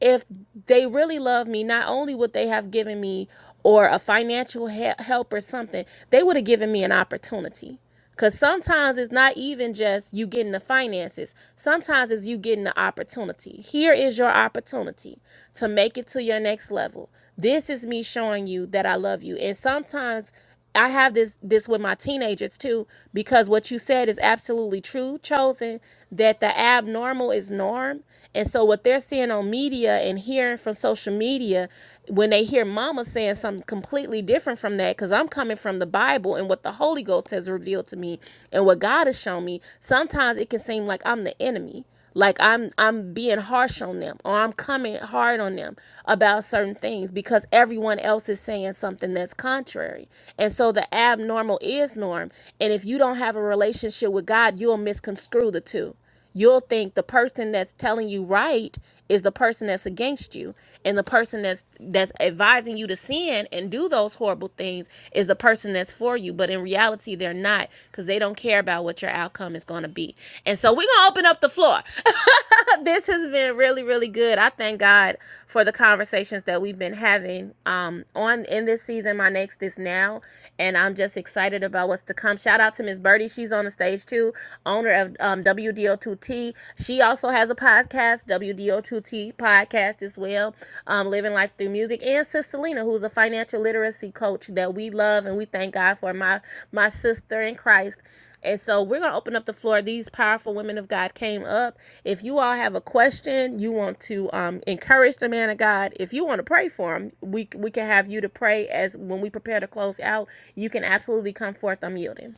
[SPEAKER 1] if they really love me, not only would they have given me or a financial he- help or something, they would have given me an opportunity. Because sometimes it's not even just you getting the finances. Sometimes it's you getting the opportunity. Here is your opportunity to make it to your next level. This is me showing you that I love you. And sometimes I have this this with my teenagers too because what you said is absolutely true, chosen that the abnormal is norm, and so what they're seeing on media and hearing from social media, when they hear Mama saying something completely different from that, because I'm coming from the Bible and what the Holy Ghost has revealed to me and what God has shown me, sometimes it can seem like I'm the enemy like i'm i'm being harsh on them or i'm coming hard on them about certain things because everyone else is saying something that's contrary and so the abnormal is norm and if you don't have a relationship with god you'll misconstrue the two you'll think the person that's telling you right is the person that's against you and the person that's that's advising you to sin and do those horrible things is the person that's for you, but in reality, they're not because they don't care about what your outcome is going to be. And so we're going to open up the floor. this has been really, really good. I thank God for the conversations that we've been having um, on in this season. My next is now, and I'm just excited about what's to come. Shout out to Miss Birdie. She's on the stage too, owner of um, WDO2T. She also has a podcast, W D O Two 2T podcast as well, um, Living Life Through Music, and Sister Lena, who's a financial literacy coach that we love and we thank God for, my, my sister in Christ. And so we're going to open up the floor. These powerful women of God came up. If you all have a question, you want to um, encourage the man of God. If you want to pray for him, we, we can have you to pray as when we prepare to close out. You can absolutely come forth. I'm yielding.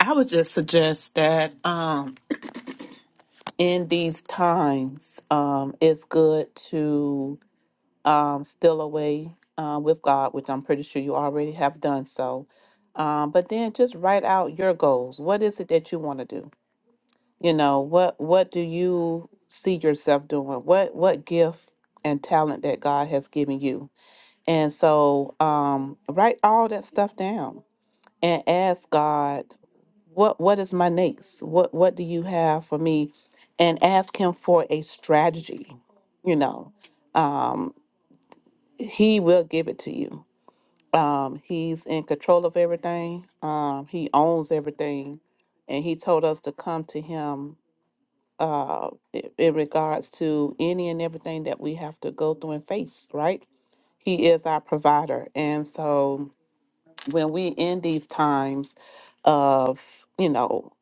[SPEAKER 3] I would just suggest that um, in these times, um, it's good to um, steal away uh, with God, which I'm pretty sure you already have done so. Um, but then just write out your goals. What is it that you want to do? You know, what what do you see yourself doing? What what gift and talent that God has given you? And so um, write all that stuff down and ask God. what what is my next what what do you have for me and ask him for a strategy you know um he will give it to you um he's in control of everything um he owns everything and he told us to come to him uh i- in regards to any and everything that we have to go through and face right he is our provider and so when we in these times of you know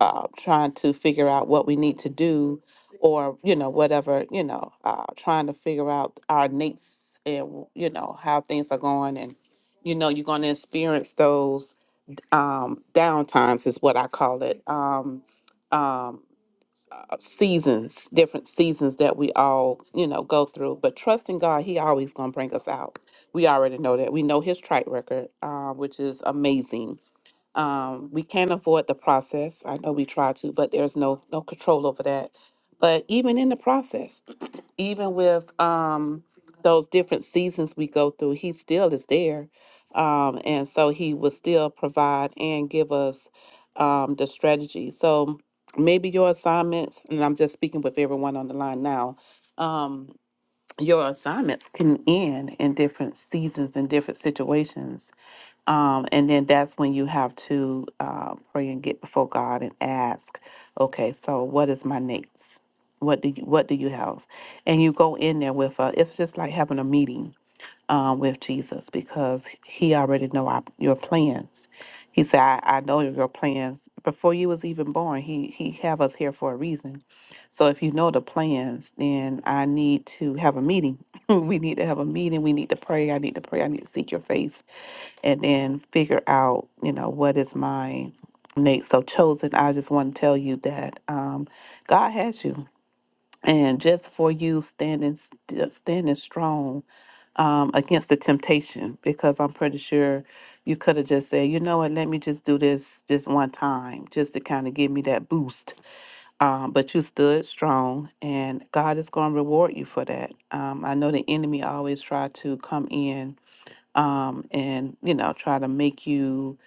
[SPEAKER 3] uh, trying to figure out what we need to do or you know whatever you know uh, trying to figure out our needs and you know how things are going and you know you're going to experience those um down times is what i call it um um seasons, different seasons that we all, you know, go through. But trusting God, He always gonna bring us out. We already know that. We know His track record, uh, which is amazing. Um, we can't avoid the process. I know we try to, but there's no no control over that. But even in the process even with um those different seasons we go through, he still is there. Um, and so he will still provide and give us um the strategy. So maybe your assignments, and I'm just speaking with everyone on the line now, um, your assignments can end in different seasons and different situations um, and then that's when you have to uh, pray and get before God and ask, okay, so what is my next? What do you What do you have? And you go in there with a. It's just like having a meeting um, with Jesus because He already know our, your plans. He said, I, "I know your plans before you was even born. He He have us here for a reason. So if you know the plans, then I need to have a meeting. we need to have a meeting. We need to pray. I need to pray. I need to seek your face." and then figure out, you know, what is my next. So, chosen, I just want to tell you that um, God has you. And just for you standing st- standing strong um, against the temptation, because I'm pretty sure you could have just said, you know what, let me just do this this one time, just to kind of give me that boost. Um, but you stood strong, and God is going to reward you for that. Um, I know the enemy always try to come in um, and you know try to make you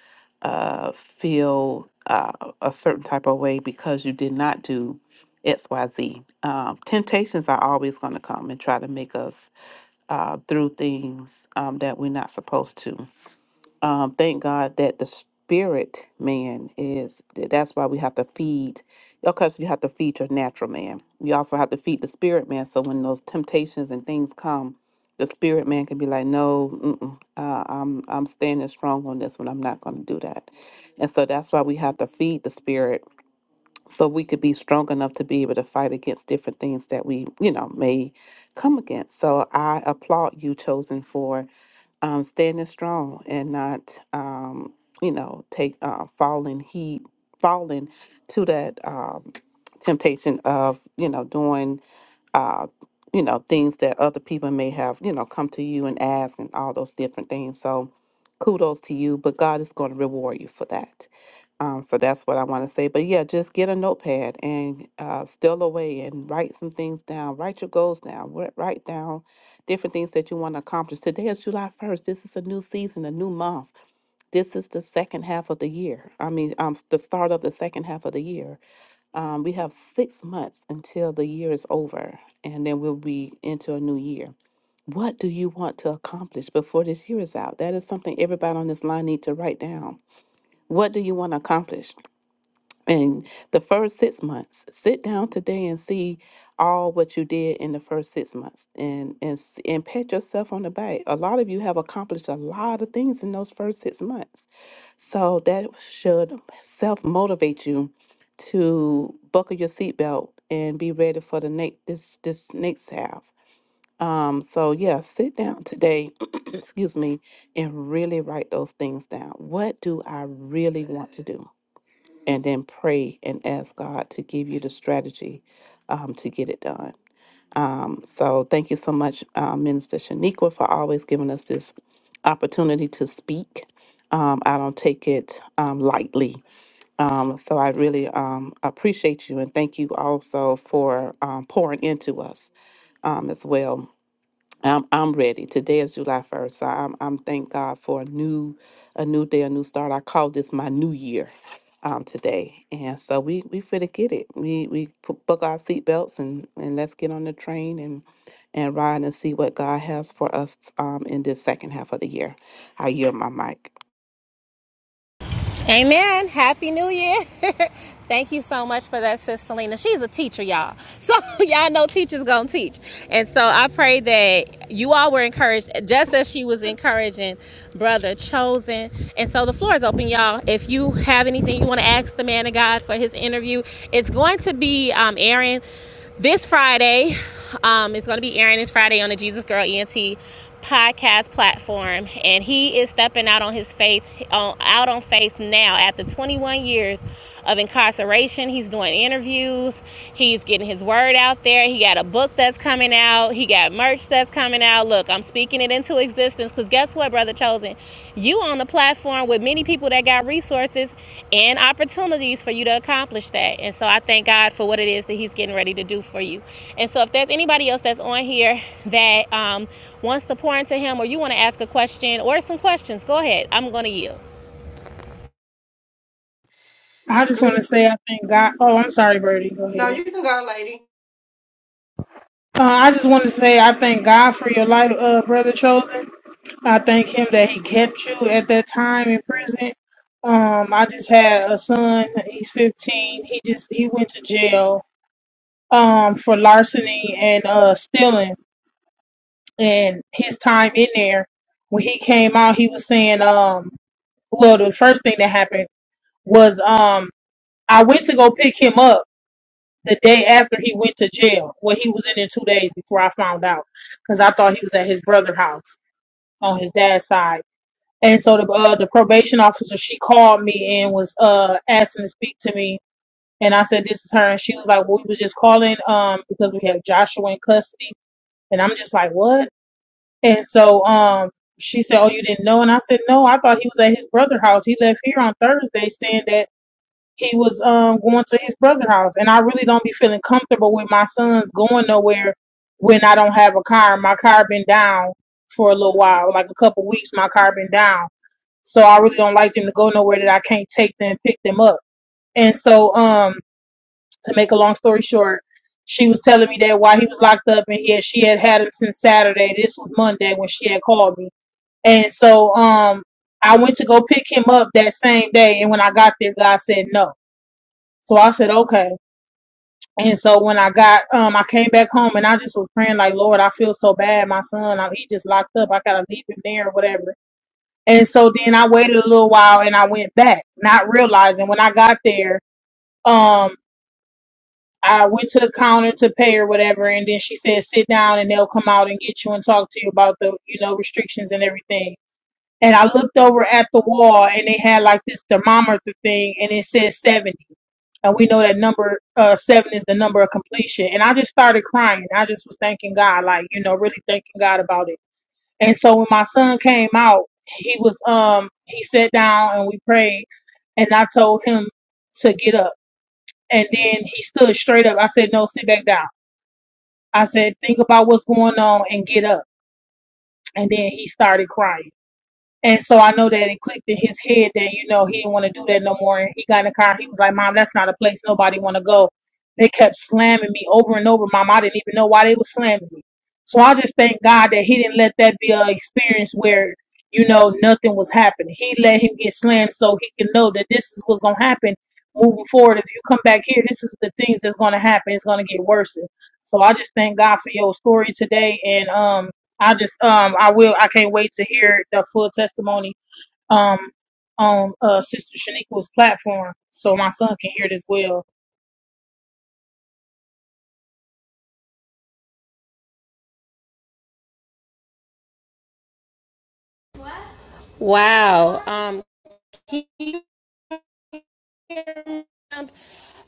[SPEAKER 3] uh, feel uh, a certain type of way because you did not do xyz um, temptations are always going to come and try to make us uh, through things um, that we're not supposed to um, thank God that the spirit man is that's why we have to feed because you have to feed your natural man. You also have to feed the spirit man. So when those temptations and things come, the spirit man can be like, "No, mm-mm, uh, I'm I'm standing strong on this one. I'm not going to do that." And so that's why we have to feed the spirit so we could be strong enough to be able to fight against different things that we you know may come against. So I applaud you, chosen for um, standing strong and not, um, you know, take uh, falling heed, falling to that um, temptation of, you know, doing, uh, you know, things that other people may have, you know, come to you and ask and all those different things. So kudos to you, but God is going to reward you for that. Um, so that's what I want to say. But yeah, just get a notepad and uh, steal away and write some things down. Write your goals down. Wri- Write down different things that you want to accomplish. Today is July 1st. This is a new season, a new month. This is the second half of the year. I mean, um, s- the start of the second half of the year. Um, we have six months until the year is over, and then we'll be into a new year. What do you want to accomplish before this year is out? That is something everybody on this line need to write down. What do you want to accomplish? and the first six months sit down today and see all what you did in the first six months and and s- and pat yourself on the back a lot of you have accomplished a lot of things in those first six months so that should self motivate you to buckle your seatbelt and be ready for the next this this next half um so yeah sit down today excuse me and really write those things down what do i really want to do and then pray and ask God to give you the strategy um, to get it done. Um, so thank you so much, uh, Minister Shaniqua, for always giving us this opportunity to speak. Um, I don't take it um, lightly. Um, so I really um, appreciate you and thank you also for um, pouring into us um, as well. I'm I'm ready. Today is July first, so I'm I'm thank God for a new a new day, a new start. I call this my new year, um, today, and so we we finna get it. We we pu- book our seatbelts and and let's get on the train and and ride and see what God has for us um in this second half of the year. I yield my mic.
[SPEAKER 1] Amen. Happy New Year. Thank you so much for that, Sis Selena. She's a teacher, y'all. So y'all know teachers gonna teach. And so I pray that you all were encouraged, just as she was encouraging Brother Chosen. And so the floor is open, y'all. If you have anything you want to ask the man of God for his interview, it's going to be um, Aaron this Friday. Um, it's going to be airing this Friday on the Jesus Girl ENT podcast platform, and he is stepping out on his faith on out on faith now after 21 years of incarceration. He's doing interviews. He's getting his word out there. He got a book that's coming out. He got merch that's coming out. Look, I'm speaking it into existence because guess what, Brother Chosen? You on the platform with many people that got resources and opportunities for you to accomplish that. And so I thank God for what it is that He's getting ready to do for you. And so if there's anybody else that's on here that um, wants to pour into Him or you want to ask a question or some questions, go ahead. I'm going to yield.
[SPEAKER 4] I just want to
[SPEAKER 5] Good.
[SPEAKER 4] say I thank God. Oh, I'm sorry, Birdie. Go
[SPEAKER 5] No,
[SPEAKER 4] ahead.
[SPEAKER 5] you can go, lady.
[SPEAKER 4] Uh, I just want to say I thank God for your life, uh, brother chosen. I thank Him that He kept you at that time in prison. Um, I just had a son. He's 15. He just he went to jail um for larceny and uh stealing, and his time in there. When he came out, he was saying um well the first thing that happened was um I went to go pick him up the day after he went to jail. Well, he was in there two days before I found out because I thought he was at his brother's house on his dad's side. And so the uh, the probation officer she called me and was uh asking to speak to me, and I said this is her, and she was like, well, we was just calling um because we have Joshua in custody, and I'm just like what? And so um she said, oh you didn't know, and I said no, I thought he was at his brother's house. He left here on Thursday saying that he was um going to his brother's house and I really don't be feeling comfortable with my sons going nowhere when I don't have a car. My car been down for a little while, like a couple weeks my car been down. So I really don't like them to go nowhere that I can't take them and pick them up. And so um to make a long story short, she was telling me that while he was locked up and he she had had him since Saturday. This was Monday when she had called me. And so um I went to go pick him up that same day and when I got there God said no. So I said, okay. And so when I got, um, I came back home and I just was praying like, Lord, I feel so bad. My son, I, he just locked up. I gotta leave him there or whatever. And so then I waited a little while and I went back, not realizing when I got there, um, I went to the counter to pay or whatever. And then she said, sit down and they'll come out and get you and talk to you about the, you know, restrictions and everything and I looked over at the wall and they had like this thermometer thing and it said 70. And we know that number uh, seven is the number of completion. And I just started crying. I just was thanking God, like, you know, really thanking God about it. And so when my son came out, he was, um, he sat down and we prayed and I told him to get up. And then he stood straight up. I said, no, sit back down. I said, think about what's going on and get up. And then he started crying. And so I know that it clicked in his head that, you know, he didn't want to do that no more. And he got in the car. He was like, Mom, that's not a place nobody want to go. They kept slamming me over and over, Mom. I didn't even know why they was slamming me. So I just thank God that he didn't let that be an experience where, you know, nothing was happening. He let him get slammed so he can know that this is what's going to happen moving forward. If you come back here, this is the things that's going to happen. It's going to get worse. So I just thank God for your story today. And, um, I just um I will I can't wait to hear the full testimony um on uh Sister Shaniqua's platform so my son can hear it as well.
[SPEAKER 1] Wow. Um, keep on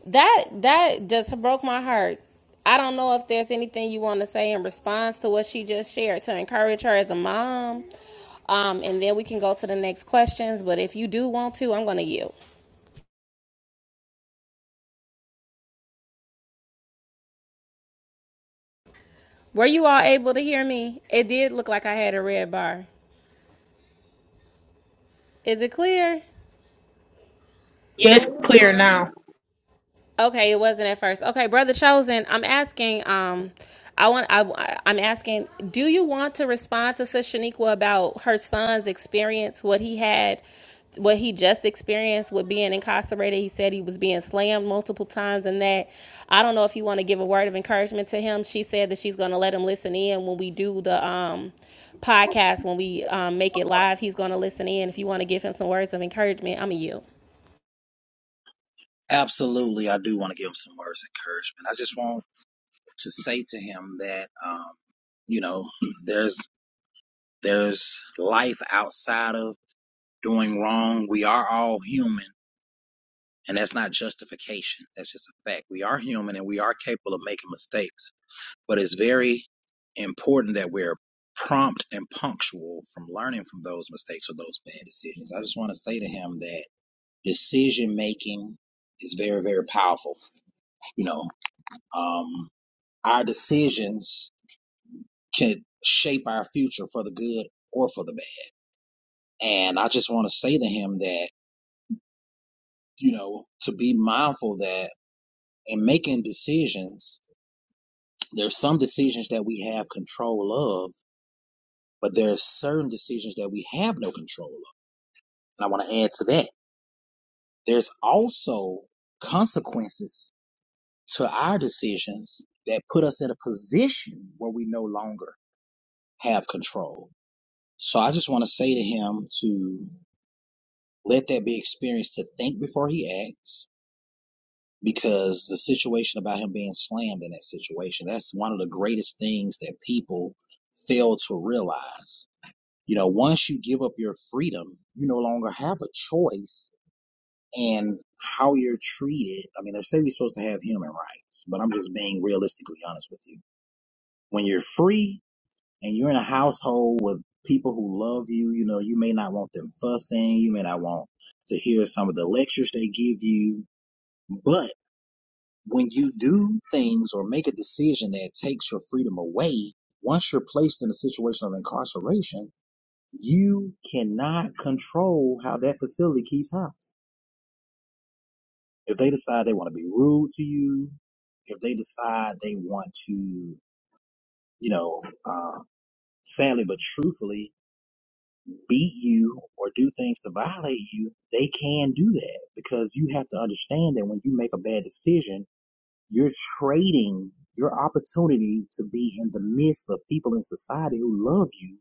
[SPEAKER 1] that that just broke my heart. I don't know if there's anything you want to say in response to what she just shared to encourage her as a mom. Um, and then we can go to the next questions. But if you do want to, I'm going to yield. Were you all able to hear me? It did look like I had a red bar. Is it clear?
[SPEAKER 4] Yeah,
[SPEAKER 5] Good
[SPEAKER 4] it's clear now.
[SPEAKER 1] Okay, it wasn't at first. Okay, brother chosen. I'm asking. Um, I want. I, I'm asking. Do you want to respond to Sister Shaniqua about her son's experience? What he had, what he just experienced with being incarcerated. He said he was being slammed multiple times, and that I don't know if you want to give a word of encouragement to him. She said that she's going to let him listen in when we do the um podcast when we um, make it live. He's going to listen in. If you want to give him some words of encouragement, I'm a you.
[SPEAKER 2] Absolutely. I do want to give him some words of encouragement. I just want to say to him that, um, you know, there's, there's life outside of doing wrong. We are all human and that's not justification. That's just a fact. We are human and we are capable of making mistakes But it's very important that we're prompt and punctual from learning from those mistakes or those bad decisions. I just want to say to him that decision making is very, very powerful. You know, um, our decisions can shape our future for the good or for the bad. And I just want to say to him that, you know, to be mindful that in making decisions, there's some decisions that we have control of, but there's certain decisions that we have no control of And I want to add to that. There's also consequences to our decisions that put us in a position where we no longer have control. So I just want to say to him to let that be experienced to think before he acts because the situation about him being slammed in that situation, that's one of the greatest things that people fail to realize. You know, once you give up your freedom, you no longer have a choice and how you're treated. I mean, they say we're supposed to have human rights, but I'm just being realistically honest with you. When you're free and you're in a household with people who love you, you know, you may not want them fussing. You may not want to hear some of the lectures they give you, but when you do things or make a decision that takes your freedom away, once you're placed in a situation of incarceration, you cannot control how that facility keeps house If they decide they want to be rude to you, if they decide they want to, you know, uh, sadly but truthfully beat you or do things to violate you, they can do that because you have to understand that when you make a bad decision, you're trading your opportunity to be in the midst of people in society who love you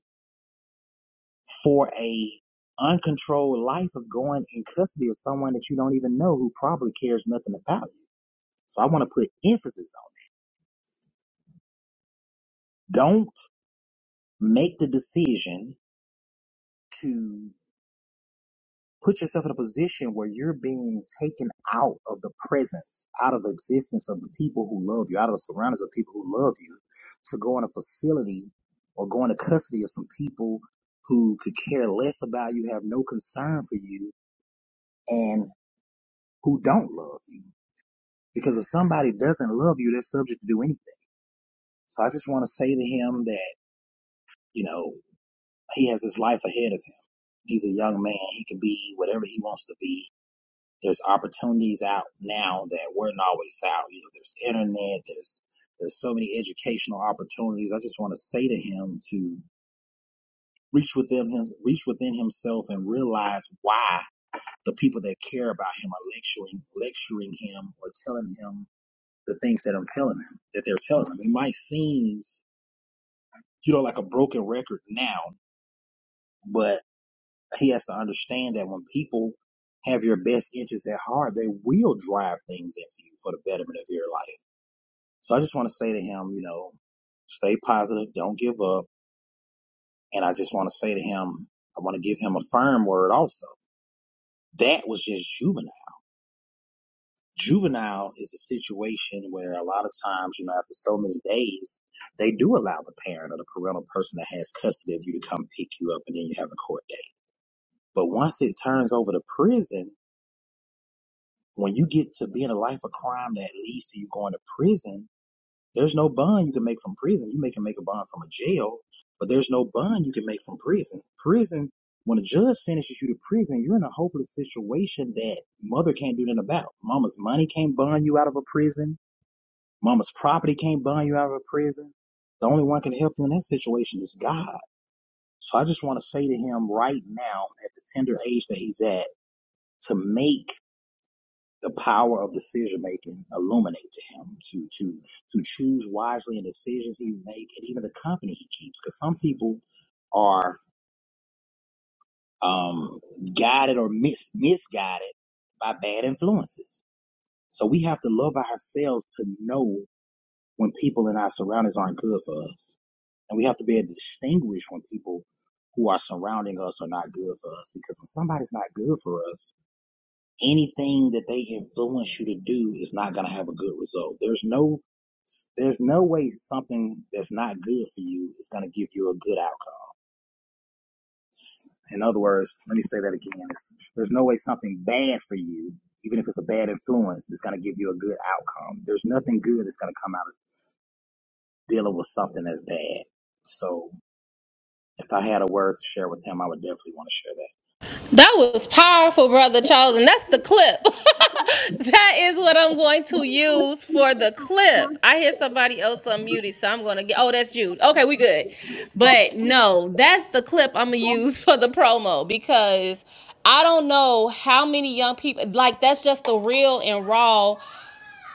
[SPEAKER 2] for a uncontrolled life of going in custody of someone that you don't even know who probably cares nothing about you. So I want to put emphasis on. don't. make the decision to put yourself in a position where you're being taken out of the presence, out of the existence of the people who love you, out of the surroundings of people who love you, to go in a facility or go into custody of some people who could care less about you, have no concern for you, and who don't love you. Because if somebody doesn't love you, they're subject to do anything. So I just want to say to him that, you know, he has his life ahead of him. He's a young man. He can be whatever he wants to be there's opportunities out now that weren't always out. You know, there's internet, there's there's so many educational opportunities. I just want to say to him to reach within him, reach within himself, and realize why the people that care about him are lecturing, lecturing him, or telling him the things that I'm telling him that they're telling him. It might seem, you know, like a broken record now, but he has to understand that when people have your best interests at heart, they will drive things into you for the betterment of your life So I just want to say to him, you know, stay positive, don't give up. And I just want to say to him, I want to give him a firm word also. That was just juvenile. Juvenile is a situation where a lot of times, you know, after so many days, they do allow the parent or the parental person that has custody of you to come pick you up and then you have a court date. But once it turns over to prison, when you get to being a life of crime that leads to you going to prison, There's no bond you can make from prison. You may can make a bond from a jail, but there's no bond you can make from prison. Prison, when a judge sentences you to prison, you're in a hopeless situation that mother can't do nothing about. Mama's money can't bond you out of a prison. Mama's property can't bond you out of a prison. The only one can help you in that situation is God. So I just want to say to him right now, at the tender age that he's at, to make the power of decision making illuminate to him to to to choose wisely in decisions he make and even the company he keeps because some people are um guided or mis- misguided by bad influences so we have to love ourselves to know when people in our surroundings aren't good for us and we have to be able to distinguish when people who are surrounding us are not good for us because when somebody's not good for us anything that they influence you to do is not going to have a good result. There's no, there's no way something that's not good for you is going to give you a good outcome. In other words, let me say that again. It's, there's no way something bad for you, even if it's a bad influence, is going to give you a good outcome. There's nothing good that's going to come out of dealing with something that's bad. So if I had a word to share with him, I would definitely want to share that.
[SPEAKER 1] That was powerful, Brother Charles, and that's the clip. that is what I'm going to use for the clip. I hear somebody else unmuted, so I'm going to get. Oh, that's Jude. Okay, we good. But no, that's the clip I'm going to use for the promo because I don't know how many young people, like, that's just the real and raw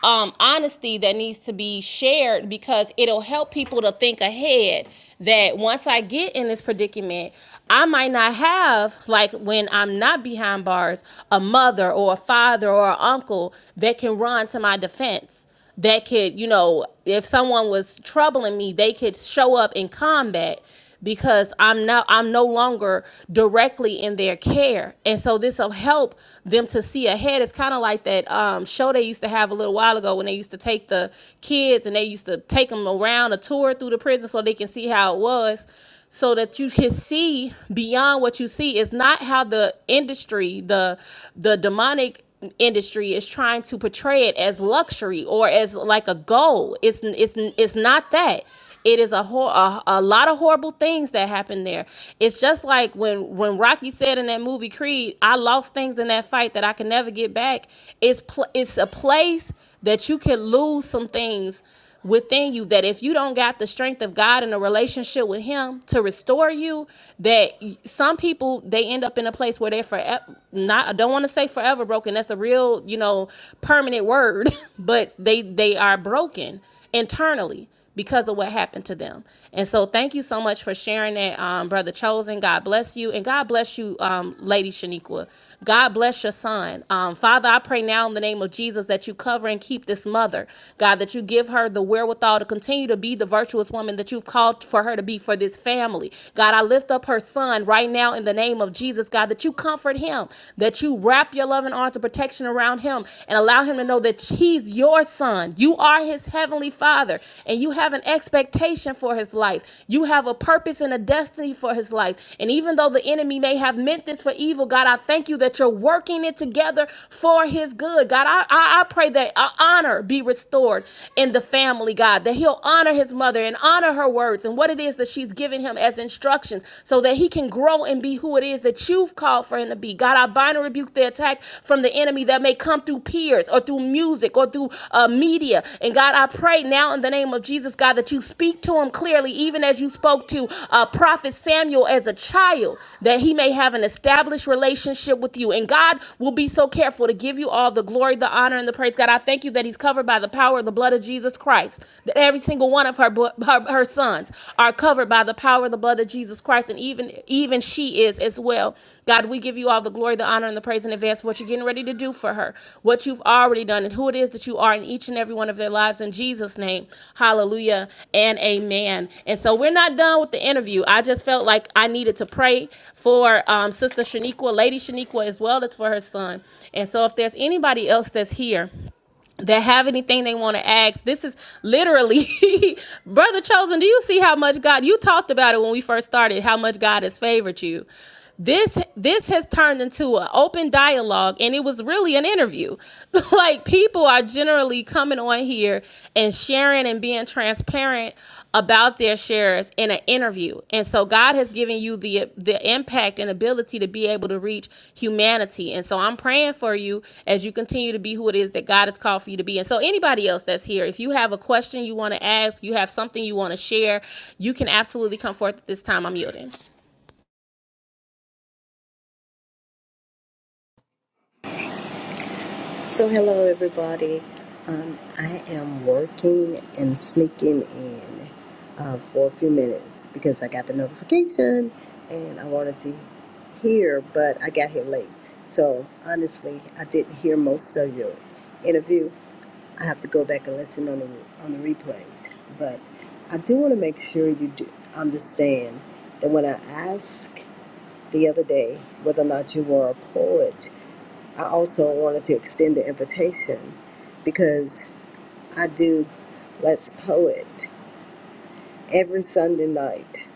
[SPEAKER 1] um, honesty that needs to be shared because it'll help people to think ahead that once I get in this predicament, I might not have, like when I'm not behind bars, a mother or a father or an uncle that can run to my defense that could, you know, if someone was troubling me, they could show up in combat because I'm not I'm no longer directly in their care. And so this will help them to see ahead. It's kind of like that um, show they used to have a little while ago when they used to take the kids and they used to take them around a tour through the prison so they can see how it was so that you can see beyond what you see It's not how the industry the the demonic industry is trying to portray it as luxury or as like a goal. It's it's it's not that. It is a, hor- a a lot of horrible things that happen there. It's just like when when Rocky said in that movie Creed, I lost things in that fight that I can never get back. It's pl- it's a place that you can lose some things within you that if you don't got the strength of God in a relationship with him to restore you that some people they end up in a place where they're forever not I don't want to say forever broken that's a real you know permanent word but they they are broken internally because of what happened to them. And so thank you so much for sharing that, um, Brother Chosen. God bless you. And God bless you, um, Lady Shaniqua. God bless your son. Um, Father, I pray now in the name of Jesus that you cover and keep this mother. God, that you give her the wherewithal to continue to be the virtuous woman that you've called for her to be for this family. God, I lift up her son right now in the name of Jesus, God, that you comfort him, that you wrap your loving arms of protection around him, and allow him to know that he's your son. You are his heavenly father, and you have an expectation for his life. You have a purpose and a destiny for his life. And even though the enemy may have meant this for evil, God, I thank you that you're working it together for his good. God, I, I, I pray that uh, honor be restored in the family, God, that he'll honor his mother and honor her words and what it is that she's giving him as instructions so that he can grow and be who who it is that you've called for him to be. God, I bind and rebuke the attack from the enemy that may come through peers or through music or through uh, media. And God, I pray now in the name of Jesus, God, that you speak to him clearly, even as you spoke to uh, Prophet Samuel as a child, that he may have an established relationship with you. And God will be so careful to give you all the glory, the honor, and the praise. God, I thank you that he's covered by the power of the blood of Jesus Christ, that every single one of her, her her, her sons are covered by the power of the blood of Jesus Christ, and even even she is as well. God, we give you all the glory, the honor, and the praise in advance for what you're getting ready to do for her, what you've already done, and who it is that you are in each and every one of their lives. In Jesus' name, hallelujah and amen. And so we're not done with the interview. I just felt like I needed to pray for um, Sister Shaniqua, Lady Shaniqua as well as for her son. And so if there's anybody else that's here, that have anything they want to ask this is literally brother chosen do you see how much god you talked about it when we first started how much god has favored you this this has turned into an open dialogue and it was really an interview like people are generally coming on here and sharing and being transparent about their shares in an interview. And so God has given you the the impact and ability to be able to reach humanity. And so I'm praying for you as you continue to be who it is that God has called for you to be. And so anybody else that's here, if you have a question you want to ask, you have something you want to share, you can absolutely come forth at this time. I'm yielding.
[SPEAKER 6] So, hello everybody. Um, I am working and sneaking in uh, for a few minutes because I got the notification and I wanted to hear, but I got here late. So, honestly, I didn't hear most of your interview. I have to go back and listen on the on the replays. But I do want to make sure you do understand that when I asked the other day whether or not you were a poet, I also wanted to extend the invitation because I do Let's Poet every Sunday night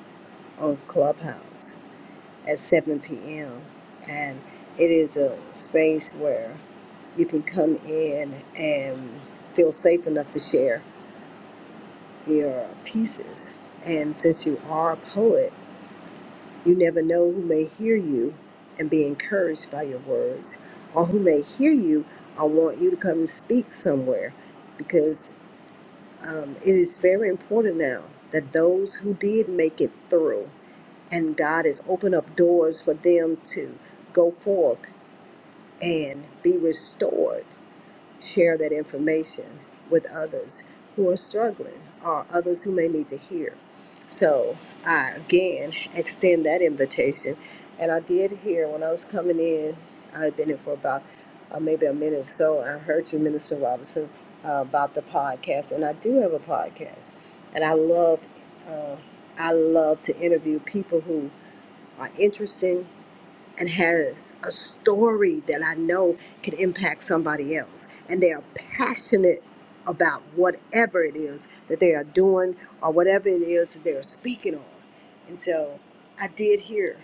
[SPEAKER 6] on Clubhouse at 7 p.m. And it is a space where you can come in and feel safe enough to share your pieces. And since you are a poet, you never know who may hear you and be encouraged by your words, or who may hear you I want you to come and speak somewhere um, it is very important now that those who did make it through and God has opened up doors for them to go forth and be restored share that information with others who are struggling or others who may need to hear. So I again extend that invitation. And I did hear when I was coming in, I had been in for about uh, maybe a minute or so. I heard you, Minister Robinson, uh, about the podcast. And I do have a podcast. And I love, uh, I love to interview people who are interesting and has a story that I know can impact somebody else. And they are passionate about whatever it is that they are doing or whatever it is that they're speaking on. And so I did hear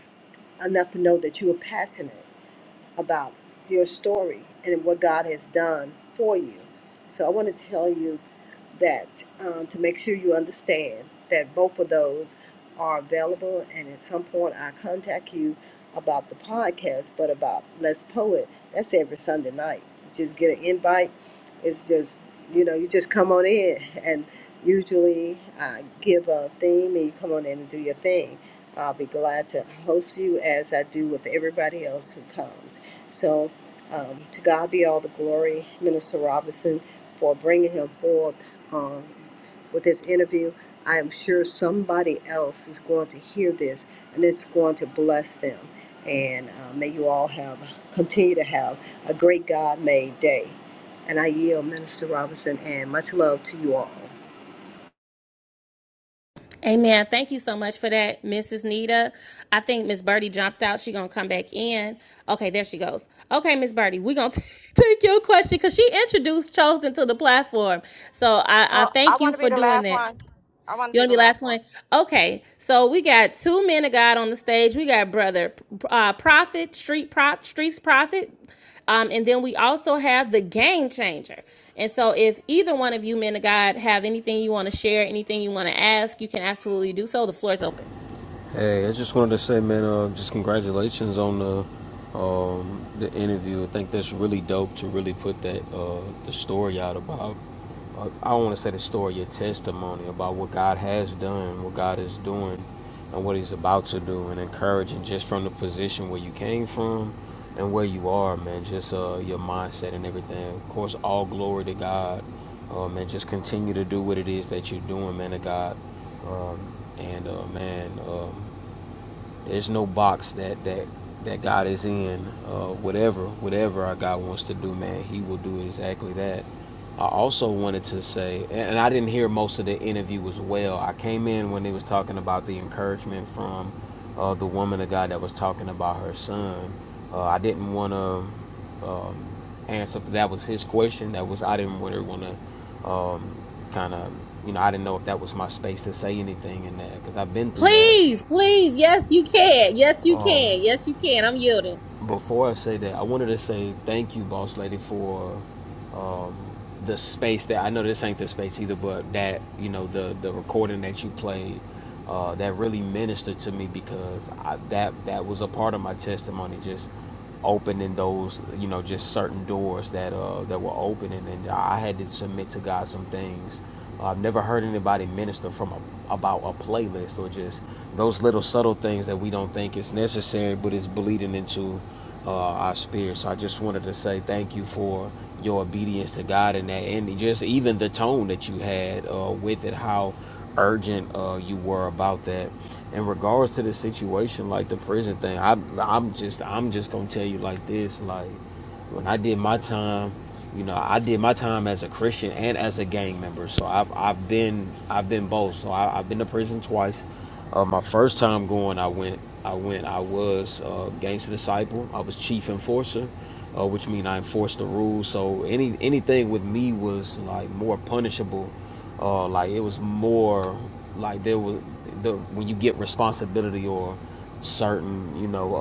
[SPEAKER 6] enough to know that you are passionate about your story and what God has done for you. So I want to tell you that um, to make sure you understand that both of those are available. And at some point, I contact you about the podcast, but about Let's Poet, that's every Sunday night. You just get an invite. It's just, you know, you just come on in. And usually I give a theme and you come on in and do your thing. I'll be glad to host you as I do with everybody else who comes. So, um, to God be all the glory, Minister Robinson, for bringing him forth um, with this interview. I am sure somebody else is going to hear this and it's going to bless them. And uh, may you all have continue to have a great God made day. And I yield, Minister Robinson, and much love to you all.
[SPEAKER 1] Amen. Thank you so much for that, Mrs. Nita. I think Miss Birdie jumped out. She gonna come back in. Okay, there she goes. Okay, Miss Birdie, we gonna take your question because she introduced Chosen to the platform. So I, I
[SPEAKER 5] Oh, I
[SPEAKER 1] thank you
[SPEAKER 5] want to be
[SPEAKER 1] for
[SPEAKER 5] the
[SPEAKER 1] doing
[SPEAKER 5] last
[SPEAKER 1] that.
[SPEAKER 5] one. I want to
[SPEAKER 1] You
[SPEAKER 5] be
[SPEAKER 1] want to
[SPEAKER 5] the
[SPEAKER 1] be last
[SPEAKER 5] last one.
[SPEAKER 1] one? Okay. So we got two men of God on the stage. We got brother uh, prophet, street prop, streets prophet, um, and then we also have the game changer. And so if either one of you men of God have anything you want to share, anything you want to ask, you can absolutely do so. The floor is open.
[SPEAKER 7] Hey, I just wanted to say, man, uh, just congratulations on the um, the interview. I think that's really dope to really put that uh, the story out about. Uh, I don't want to say the story, your testimony about what God has done, what God is doing, and what He's about to do, and encouraging just from the position where you came from and where you are, man. Just uh, your mindset and everything. Of course, all glory to God, uh, man. Just continue to do what it is that you're doing, man. To God. Um, and uh, man, um there's no box that that that God is in. Uh, whatever whatever our God wants to do, man, He will do exactly that. I also wanted to say, and I didn't hear most of the interview as well. I came in when they was talking about the encouragement from uh, the woman of God that was talking about her son. Uh, I didn't want to um, answer for that was his question. That was I didn't really want to um, kind of you know I didn't know if that was my space to say anything in that because I've been through that.
[SPEAKER 1] Please, please, yes, you can. Yes, you
[SPEAKER 7] Um,
[SPEAKER 1] can. Yes, you can. I'm yielding.
[SPEAKER 7] before I say that, I wanted to say thank you, boss lady, for um, the space that I know this ain't the space either, but that you know the the recording that you played uh, that really ministered to me because I, that that was a part of my testimony, just opening those you know just certain doors that uh, that were opening, and I had to submit to God some things. I've never heard anybody minister from a, about a playlist or just those little subtle things that we don't think is necessary, but it's bleeding into uh, our spirit. So I just wanted to say thank you for your obedience to God in that, and just even the tone that you had uh, with it, how urgent uh, you were about that. In regards to the situation, like the prison thing, I, I'm just I'm just gonna tell you like this, like when I did my time, you know i did my time as a christian and as a gang member so i've i've been i've been both so I, i've been to prison twice uh, my first time going i went i went i was uh, gangster disciple i was chief enforcer uh, which means i enforced the rules so any anything with me was like more punishable uh, like it was more like there was the when you get responsibility or certain you know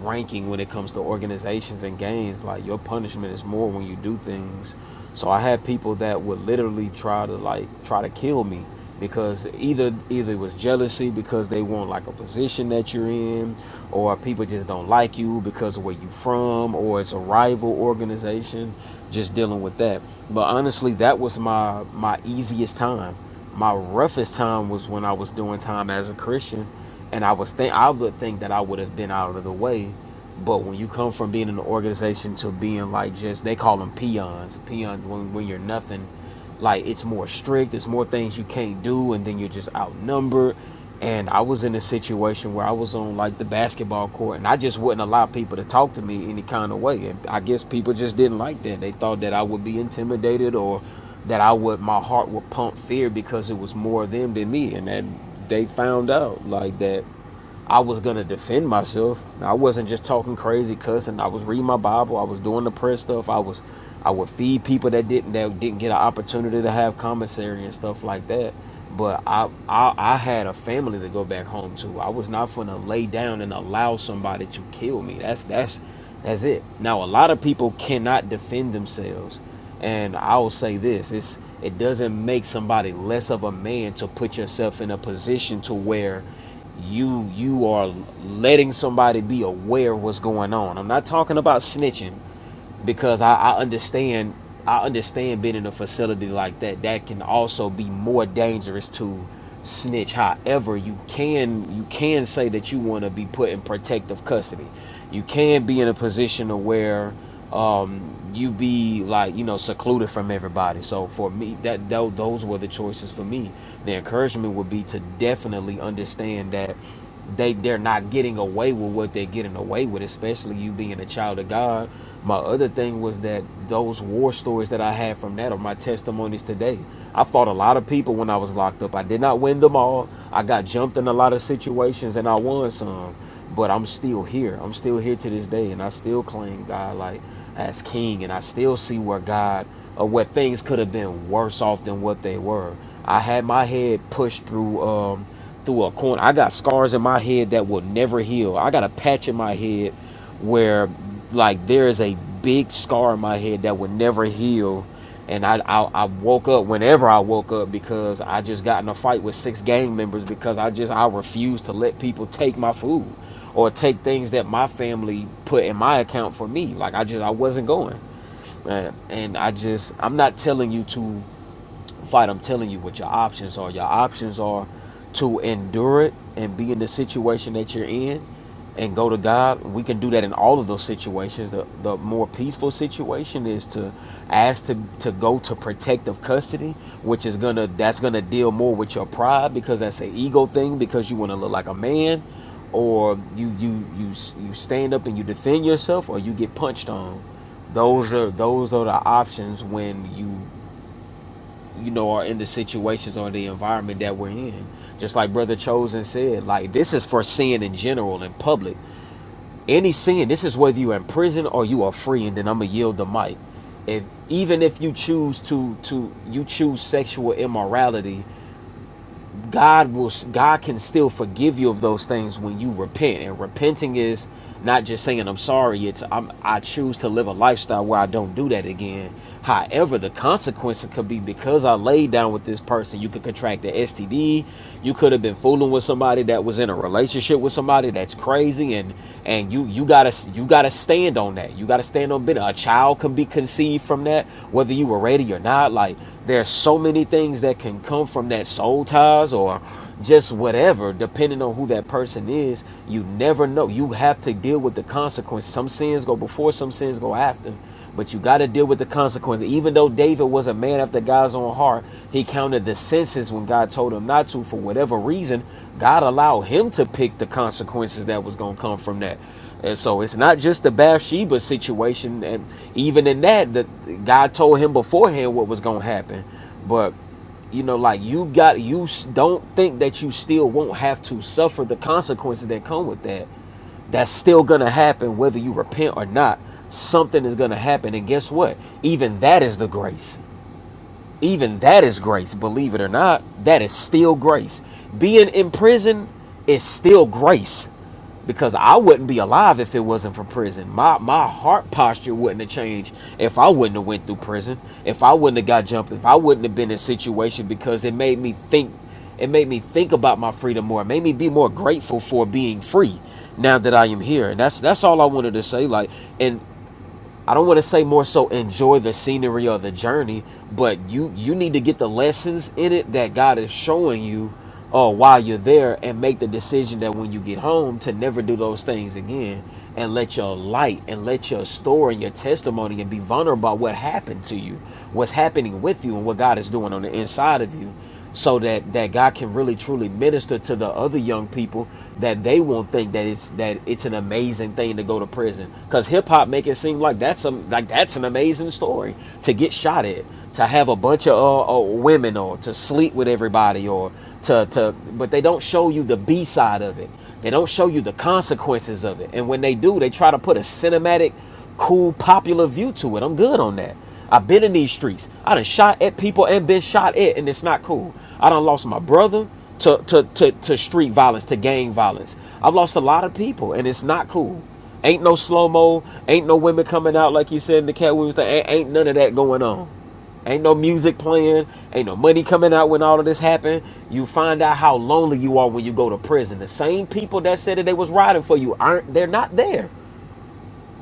[SPEAKER 7] uh, ranking when it comes to organizations and games like your punishment is more when you do things so i had people that would literally try to like try to kill me because either either it was jealousy because they want like a position that you're in or people just don't like you because of where you from or it's a rival organization just dealing with that but honestly that was my my easiest time my roughest time was when I was doing time as a Christian and I was think I would think that I would have been out of the way, but when you come from being in the organization to being like just they call them peons, peons when when you're nothing, like it's more strict, there's more things you can't do, and then you're just outnumbered. And I was in a situation where I was on like the basketball court, and I just wouldn't allow people to talk to me any kind of way. And I guess people just didn't like that. They thought that I would be intimidated, or that I would my heart would pump fear because it was more them than me, and then they found out like that I was gonna defend myself. I wasn't just talking crazy, cussing. I was reading my Bible. I was doing the prayer stuff. I was, I would feed people that didn't that didn't get an opportunity to have commissary and stuff like that. But I, I, I had a family to go back home to. I was not gonna lay down and allow somebody to kill me. That's that's that's it. Now a lot of people cannot defend themselves, and I'll say this: it's it doesn't make somebody less of a man to put yourself in a position to where you you are letting somebody be aware of what's going on. I'm not talking about snitching because I, I understand I understand being in a facility like that that can also be more dangerous to snitch. However, you can you can say that you want to be put in protective custody. You can be in a position of where um, you be like you know secluded from everybody. So for me, that tho- those were the choices for me. The encouragement would be to definitely understand that they they're not getting away with what they're getting away with, especially you being a child of God my other thing was that those war stories that I had from that are my testimonies today. I fought a lot of people when I was locked up. I did not win them all. I got jumped in a lot of situations and I won some, but I'm still here. I'm still here to this day and I still claim God like as king and I still see where God or where things could have been worse off than what they were. I had my head pushed through um through a corner. I got scars in my head that will never heal. I got a patch in my head where like there is a big scar in my head that would never heal and I, I I woke up whenever I woke up because I just got in a fight with six gang members because I just I refused to let people take my food or take things that my family put in my account for me like I just I wasn't going and, and I just I'm not telling you to fight. I'm telling you what your options are. Your options are to endure it and be in the situation that you're in and go to God. We can do that in all of those situations. The the more peaceful situation is to ask to, to go to protective custody, which is gonna that's gonna deal more with your pride because that's an ego thing because you want to look like a man, or you you you you stand up and you defend yourself, or you get punched on. Those are those are the options when you you know, are in the situations or the environment that we're in. Just like Brother Chosen said, like this is for sin in general in public. Any sin, this is whether you're in prison or you are free, and then I'm gonna yield the mic. If even if you choose to to you choose sexual immorality God will God can still forgive you of those things when you repent. And repenting is not just saying I'm sorry, it's I'm I choose to live a lifestyle where I don't do that again. However, the consequence could be because I laid down with this person, you could contract the STD. You could have been fooling with somebody that was in a relationship with somebody that's crazy, and and you you gotta you gotta stand on that. You gotta stand on bit. A child can be conceived from that, whether you were ready or not. Like there's so many things that can come from that soul ties or just whatever, depending on who that person is. You never know. You have to deal with the consequence. Some sins go before, some sins go after. But you got to deal with the consequences. Even though David was a man after God's own heart, he counted the senses when God told him not to. For whatever reason, God allowed him to pick the consequences that was going to come from that. And so it's not just the Bathsheba situation. And even in that, the God told him beforehand what was going to happen. But, you know, like you got, you s- don't think that you still won't have to suffer the consequences that come with that. That's still going to happen whether you repent or not. Something is going to happen. And guess what? Even that is the grace. Even that is grace. Believe it or not, that is still grace. Being in prison is still grace because I wouldn't be alive if it wasn't for prison. My my heart posture wouldn't have changed if I wouldn't have went through prison. If I wouldn't have got jumped. If I wouldn't have been in a situation because it made me think. It made me think about my freedom more. It made me be more grateful for being free now that I am here. And that's that's all I wanted to say. Like and. I don't want to say more so enjoy the scenery or the journey, but you you need to get the lessons in it that God is showing you uh, while you're there and make the decision that when you get home to never do those things again and let your light and let your story and your testimony and be vulnerable about what happened to you, what's happening with you and what God is doing on the inside of you so that that God can really truly minister to the other young people that they won't think that it's that it's an amazing thing to go to prison because hip hop make it seem like that's some like that's an amazing story to get shot at to have a bunch of uh, uh, women or to sleep with everybody or to to but they don't show you the B side of it they don't show you the consequences of it and when they do they try to put a cinematic cool popular view to it I'm good on that I've been in these streets. I done shot at people and been shot at, and it's not cool. I done lost my brother to, to, to, to street violence, to gang violence. I've lost a lot of people, and it's not cool. Ain't no slow mo, ain't no women coming out like you said in the Cat Williams thing. Ain't, ain't none of that going on. Ain't no music playing, ain't no money coming out when all of this happened. You find out how lonely you are when you go to prison. The same people that said that they was riding for you aren't they're not there.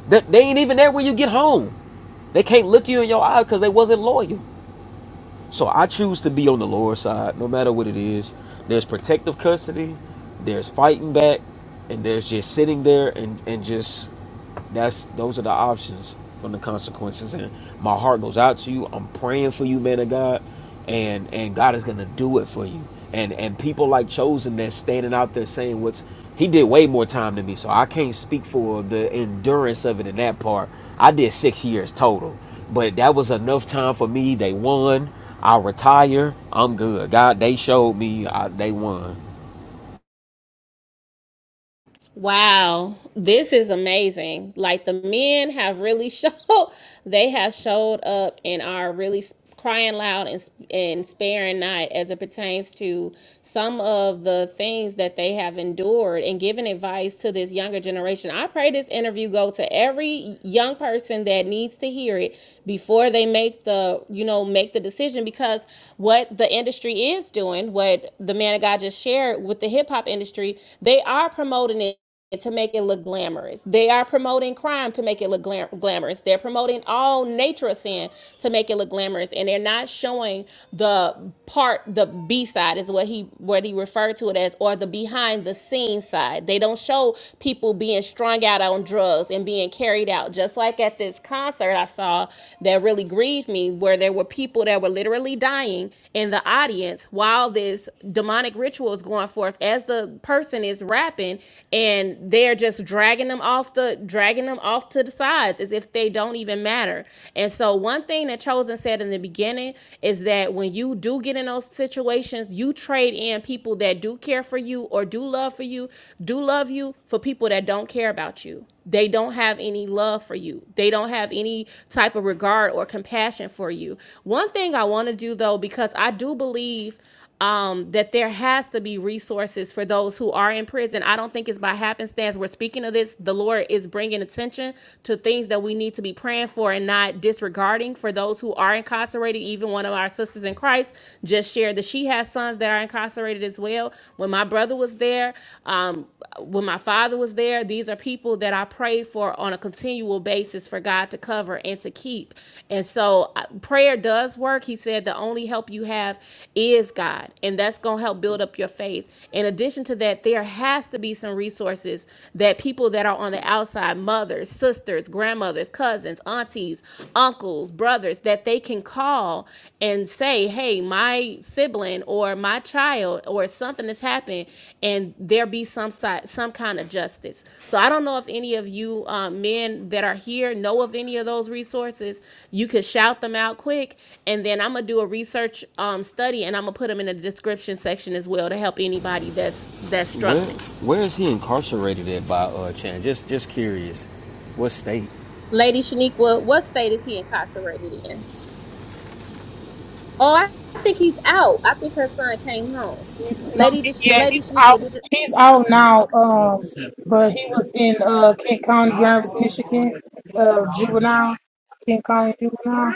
[SPEAKER 7] That they ain't even there when you get home. They can't look you in your eyes because they wasn't loyal. So I choose to be on the Lord's side, no matter what it is. There's protective custody, there's fighting back, and there's just sitting there and, and just that's those are the options from the consequences. And my heart goes out to you. I'm praying for you, man of God, and and God is gonna do it for you. And and people like Chosen that's standing out there saying what's he did way more time than me, so I can't speak for the endurance of it in that part. I did six years total, but that was enough time for me. They won. I retire. I'm good. God, they showed me I, they won.
[SPEAKER 1] Wow, this is amazing. Like the men have really showed, they have showed up and are really s- crying loud and, s- and sparing not as it pertains to some of the things that they have endured and giving advice to this younger generation. I pray this interview go to every young person that needs to hear it before they make the, you know, make the decision because what the industry is doing, what the man of God just shared with the hip hop industry, they are promoting it promoting it to make it look glamorous. They are promoting crime to make it look glam- glamorous. They're promoting all nature of sin to make it look glamorous, and they're not showing the part, the B side is what he what he referred to it as, or the behind the scenes side. They don't show people being strung out on drugs and being carried out. Just like at this concert I saw that really grieved me, where there were people that were literally dying in the audience while this demonic ritual is going forth as the person is rapping and they're just dragging them off the dragging them off to the sides as if they don't even matter. And so one thing that Chosen said in the beginning is that when you do get in those situations, you trade in people that do care for you or do love for you, do love you for people that don't care about you. They don't have any love for you. They don't have any type of regard or compassion for you. One thing I want to do though because I do believe um, that there has to be resources for those who are in prison. I don't think it's by happenstance. We're speaking of this. The Lord is bringing attention to things that we need to be praying for and not disregarding for those who are incarcerated. Even one of our sisters in Christ just shared that she has sons that are incarcerated as well. When my brother was there, um, when my father was there, these are people people that I pray for on a continual basis for God to cover and to keep. And so uh, prayer does work. He said the only help you have is God, and that's going to help build up your faith. In addition to that, there has to be some resources that people that are on the outside, mothers, sisters, grandmothers, cousins, aunties, uncles, brothers, that they can call and say, hey, my sibling or my child or something has happened and there be some side, some kind of justice. So I don't know if any of you uh, men that are here know of any of those resources. You could shout them out quick and then I'm going to do a research um, study and I'm going to put them in the description section as well to help anybody that's that's
[SPEAKER 7] Where
[SPEAKER 1] struggling.
[SPEAKER 7] where is he incarcerated at by uh, Chan? Just just curious. What state?
[SPEAKER 1] Lady Shaniqua, what state is he incarcerated in? Oh, I, I think he's out. I think her son came home.
[SPEAKER 4] No,
[SPEAKER 1] Lady, Dish-
[SPEAKER 4] yeah,
[SPEAKER 7] Okay.
[SPEAKER 1] Lady
[SPEAKER 4] he's out
[SPEAKER 1] Shaniqua, did you?
[SPEAKER 4] he's out now, um but he was in uh Kent County, Jarvis, Michigan, uh juvenile, Kent County juvenile.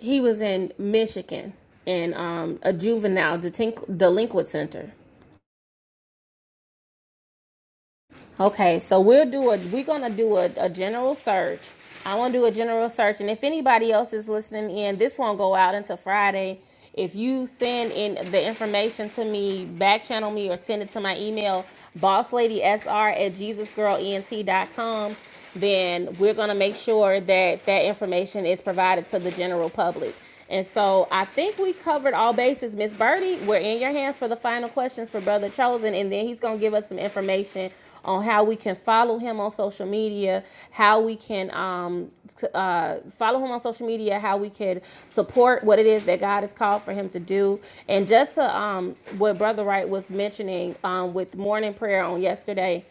[SPEAKER 1] He was in Michigan in um, a juvenile detinqu- delinquent center. Okay, so we'll do a we're gonna do a, a general search. I want to do a general search, and if anybody else is listening in, this won't go out until Friday. If you send in the information to me, back channel me, or send it to my email, bossladysr at jesus girl ent dot com, then we're gonna make sure that that information is provided to the general public. And so I think we covered all bases. Miss Birdie, we're in your hands for the final questions for Brother Chosen, and then he's gonna give us some information on how we can follow him on social media, how we can um, uh, follow him on social media, how we can support what it is that God has called for him to do, and just to um, what Brother Wright was mentioning um, with morning prayer on yesterday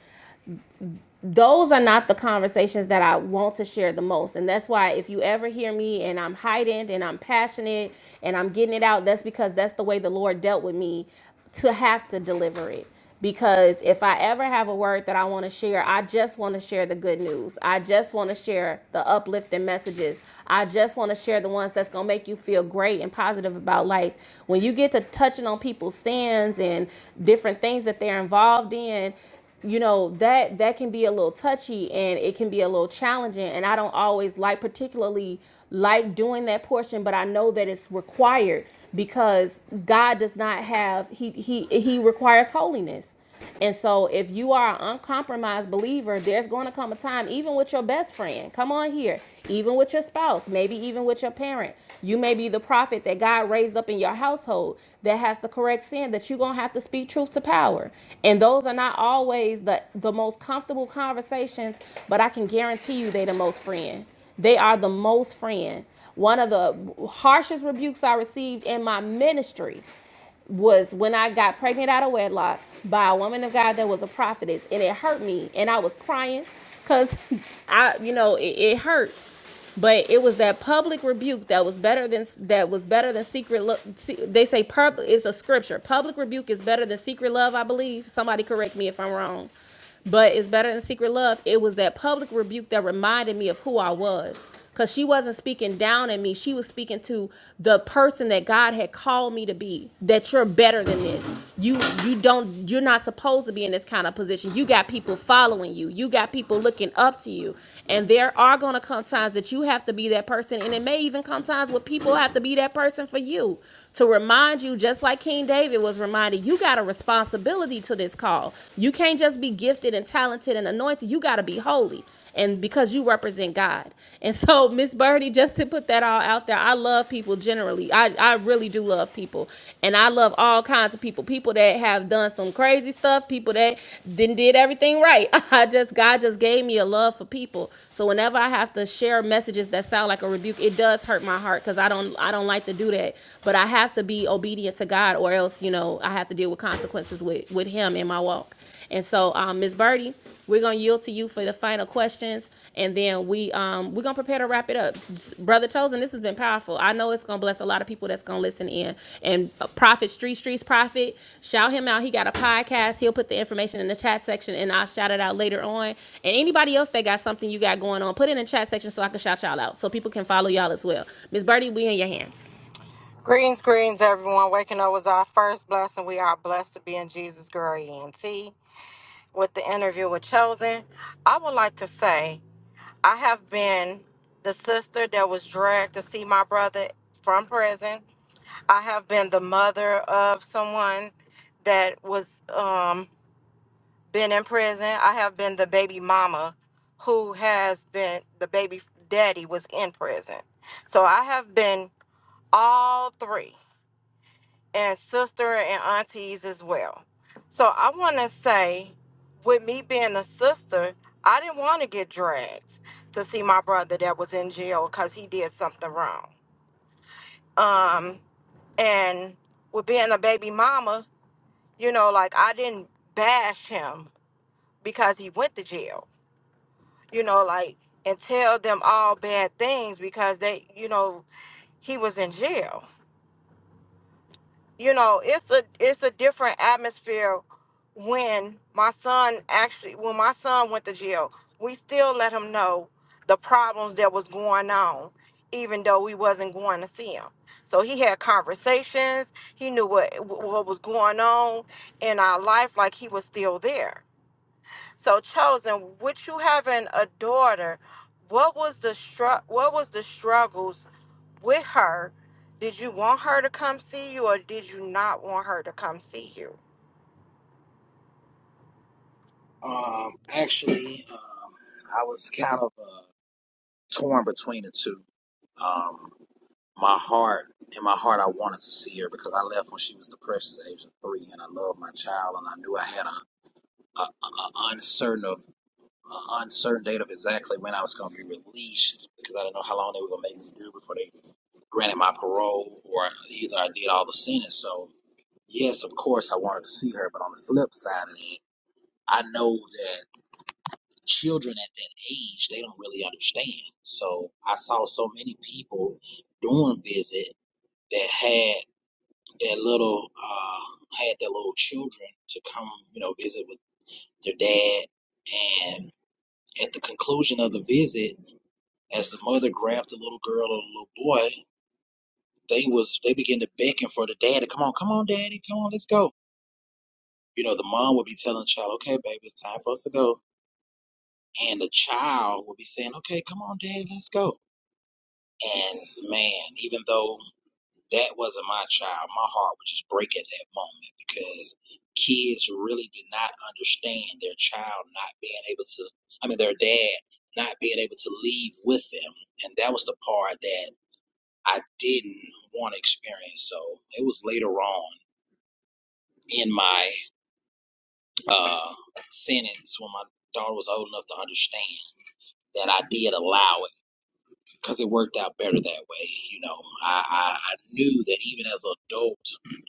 [SPEAKER 1] those are not the conversations that I want to share the most. And that's why if you ever hear me and I'm heightened and I'm passionate and I'm getting it out, that's because that's the way the Lord dealt with me to have to deliver it. Because if I ever have a word that I want to share, I just want to share the good news. I just want to share the uplifting messages. I just want to share the ones that's going to make you feel great and positive about life. When you get to touching on people's sins and different things that they're involved in, you know that that can be a little touchy and it can be a little challenging and i don't always like particularly like doing that portion but i know that it's required because god does not have he he he requires holiness and so if you are an uncompromised believer there's going to come a time even with your best friend come on here even even with your spouse, maybe even with your parent. You may be the prophet that God raised up in your household that has the correct sin that you're going to have to speak truth to power. And those are not always the, the most comfortable conversations, but I can guarantee you they're the most friend. They are the most friend. One of the harshest rebukes I received in my ministry was when I got pregnant out of wedlock by a woman of God that was a prophetess, and it hurt me, and I was crying because I, you know, it, it hurt. But it was that public rebuke that was better than that was better than secret love. They say public is a scripture. Public rebuke is better than secret love, I believe. Somebody correct me if I'm wrong. But it's better than secret love. It was that public rebuke that reminded me of who I was. Because she wasn't speaking down at me. She was speaking to the person that God had called me to be. That you're better than this. You you don't you're not supposed to be in this kind of position. You got people following you. You got people looking up to you. And there are gonna come times that you have to be that person. And it may even come times where people have to be that person for you. To remind you, just like King David was reminded, you got a responsibility accountability to this call. You can't just be gifted and talented and anointed. You got to be holy. And because you represent God. And so, Miss Birdie, just to put that all out there, I love people generally. I, I really do love people. And I love all kinds of people. People that have done some crazy stuff, people that didn't did everything right. I just God just gave me a love for people. So whenever I have to share messages that sound like a rebuke, it does hurt my heart because I don't I don't like to do that. But I have to be obedient to God God, or else you know I have to deal with consequences with with Him in my walk. And so, um, Ms. Birdie, we're gonna yield to you for the final questions, and then we um we're gonna prepare to wrap it up. Brother Chosen, this has been powerful. I know it's gonna bless a lot of people that's gonna listen in. And uh, Prophet Street Streets Prophet, shout him out. He got a podcast. He'll put the information in the chat section, and I'll shout it out later on. And anybody else that got something you got going on, put it in the chat section so I can shout y'all out, so people can follow y'all as well. Ms. Birdie, we in your hands.
[SPEAKER 5] Greens, greens, everyone. Waking up was our first blessing. We are blessed to be in Jesus' girl, ENT. With the interview with Chosen, I would like to say I have been the sister that was dragged to see my brother from prison. I have been the mother of someone that was. um. been in prison. I have been the baby mama who has been the baby daddy was in prison. So I have been all three and sister and aunties as well. So I want to say with me being a sister, I didn't want to get dragged to see my brother that was in jail cuz he did something wrong. Um and with being a baby mama, you know, like I didn't bash him because he went to jail you know, like and tell them all bad things because they, you know, he was in jail. You know, it's a it's a different atmosphere when my son actually when my son went to jail. We still let him know the problems that was going on even though we wasn't going to see him. So he had conversations, he knew what what was going on in our life like he was still there so chosen, with you having a daughter, what was the str- what was the struggles with her? Did you want her to come see you or did you not want her to come see you?
[SPEAKER 2] Um, actually, um, I was kind of uh, torn between the two. Um, my heart, in my heart, I wanted to see her because I left when she was the precious age of three, and I loved my child, and I knew I had a, a, a uncertain of a uncertain date of exactly when I was going to be released because I didn't know how long they were going to make me do before they granted my parole, or either I did all the sentence. So yes, of course, I wanted to see her, but on the flip side of it, I know that children at that age they don't really understand. So I saw so many people doing visit that had that little uh had their little children to come, you know, visit with their dad. And at the conclusion of the visit, as the mother grabbed the little girl and the little boy, they was they began to beckon for the dad to come on, come on, daddy, come on, let's go. You know, the mom would be telling the child, Okay, baby, it's time for us to go. And the child would be saying, Okay, come on, daddy, let's go. And man, even though that wasn't my child, my heart would just break at that moment because kids really did not understand their child not being able to, I mean, their dad not being able to leave with them. And that was the part that I didn't want to experience. So it was later on in my uh, sentence when my daughter was old enough to understand that I did allow it because it worked out better that way. You know, I, I, I knew that even as an adult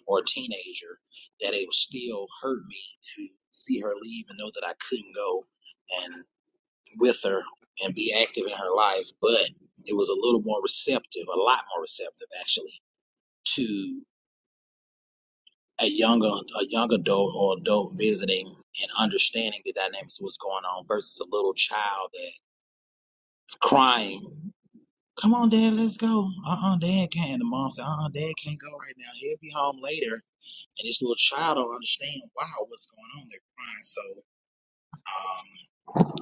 [SPEAKER 2] or a teenager, that it would still hurt me to see her leave and know that I couldn't go and with her and be active in her life. But it was a little more receptive, a lot more receptive actually, to a young a young adult or adult visiting and understanding the dynamics of what's going on versus a little child that's crying Come on, Dad, let's go. Uh-uh, Dad can't. And the mom said, uh-uh, Dad can't go right now. He'll be home later. And this little child don't understand, wow, what's going on. They're crying. So um,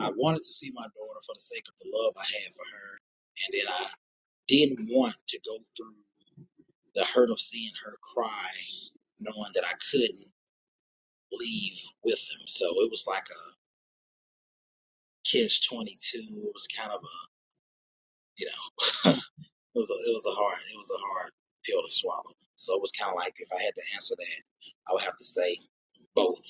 [SPEAKER 2] I wanted to see my daughter for the sake of the love I had for her. And then I didn't want to go through the hurt of seeing her cry, knowing that I couldn't leave with them. So it was like a kiss 22. It was kind of a, you know. It was a, it was a hard it was a hard pill to swallow. So it was kind of like if I had to answer that, I would have to say both.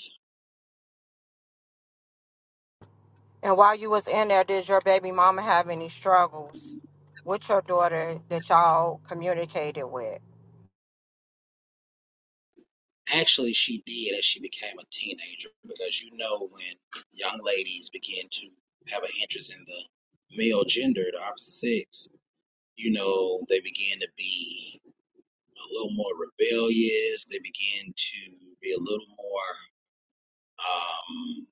[SPEAKER 5] And while you was in there, did your baby mama have any struggles with your daughter that y'all communicated with?
[SPEAKER 2] Actually, she did as she became a teenager because you know when young ladies begin to have an interest in the male gender, the opposite sex, you know they begin to be a little more rebellious. They begin to be a little more um,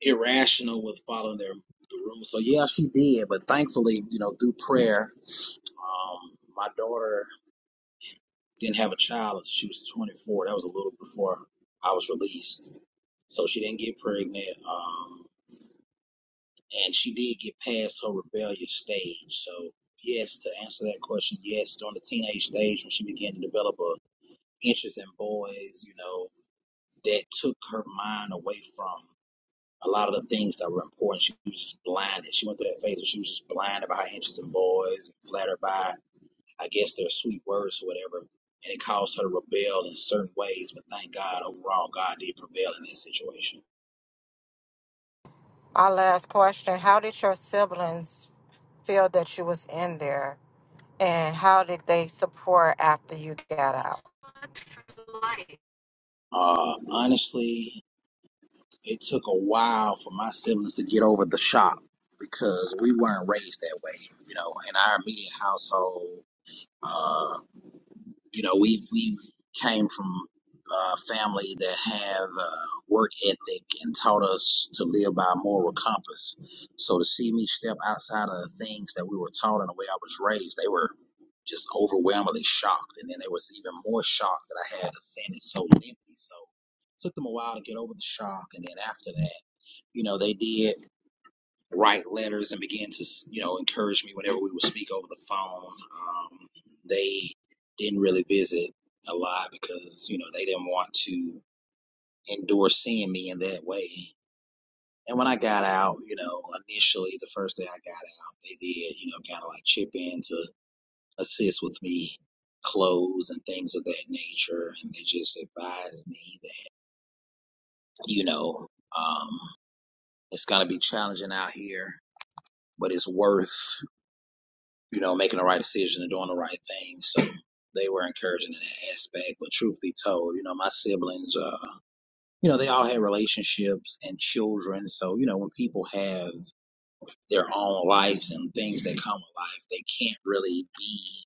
[SPEAKER 2] irrational with following their the rules. So yeah, she did, but thankfully, you know, through prayer Um, my daughter didn't have a child until she was 24. That was a little before I was released. So she didn't get pregnant. Um, and she did get past her rebellious stage. So yes, to answer that question, yes, during the teenage stage when she began to develop a interest in boys, you know, that took her mind away from a lot of the things that were important. She was just blinded. She went through that phase where she was just blinded by her interest in boys and flattered by I guess their sweet words or whatever, and it caused her to rebel in certain ways. But thank God, overall, God did prevail in that situation.
[SPEAKER 5] My last question, how did your siblings feel that you was in there and how did they support after you got out?
[SPEAKER 2] Uh, honestly, it took a while for my siblings to get over the shock because we weren't raised that way, you know. In our immediate household, uh, You know, we we came from a family that have uh, work ethic and taught us to live by a moral compass. So to see me step outside of the things that we were taught and the way I was raised, they were just overwhelmingly shocked. And then they was even more shocked that I had ascended so lengthy. So it took them a while to get over the shock. And then after that, you know, they did write letters and began to, you know, encourage me whenever we would speak over the phone. Um, they didn't really visit a lot because, you know, they didn't want to endure seeing me in that way. And when I got out, you know, initially the first day I got out, they did, you know, kind of like chip in to assist with me clothes and things of that nature. And they just advised me that, you know, um, it's going to be challenging out here, but it's worth you know, making the right decision and doing the right thing. So they were encouraging in that aspect. But truth be told, you know, my siblings, uh, you know, they all had relationships and children. So, you know, when people have their own lives and things that come with life, they can't really be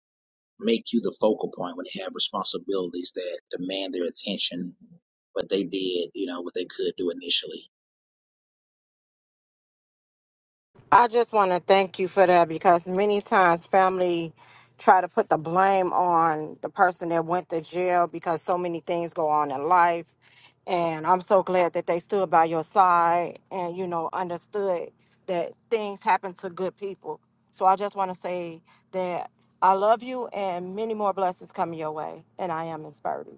[SPEAKER 2] make you the focal point when they have responsibilities that demand their attention. But they did, you know, what they could do initially.
[SPEAKER 5] I just want to thank you for that because many times family try to put the blame on the person that went to jail because so many things go on in life. And I'm so glad that they stood by your side and, you know, understood that things happen to good people. So I just want to say that I love you and many more blessings coming your way. And I am Miss Birdie.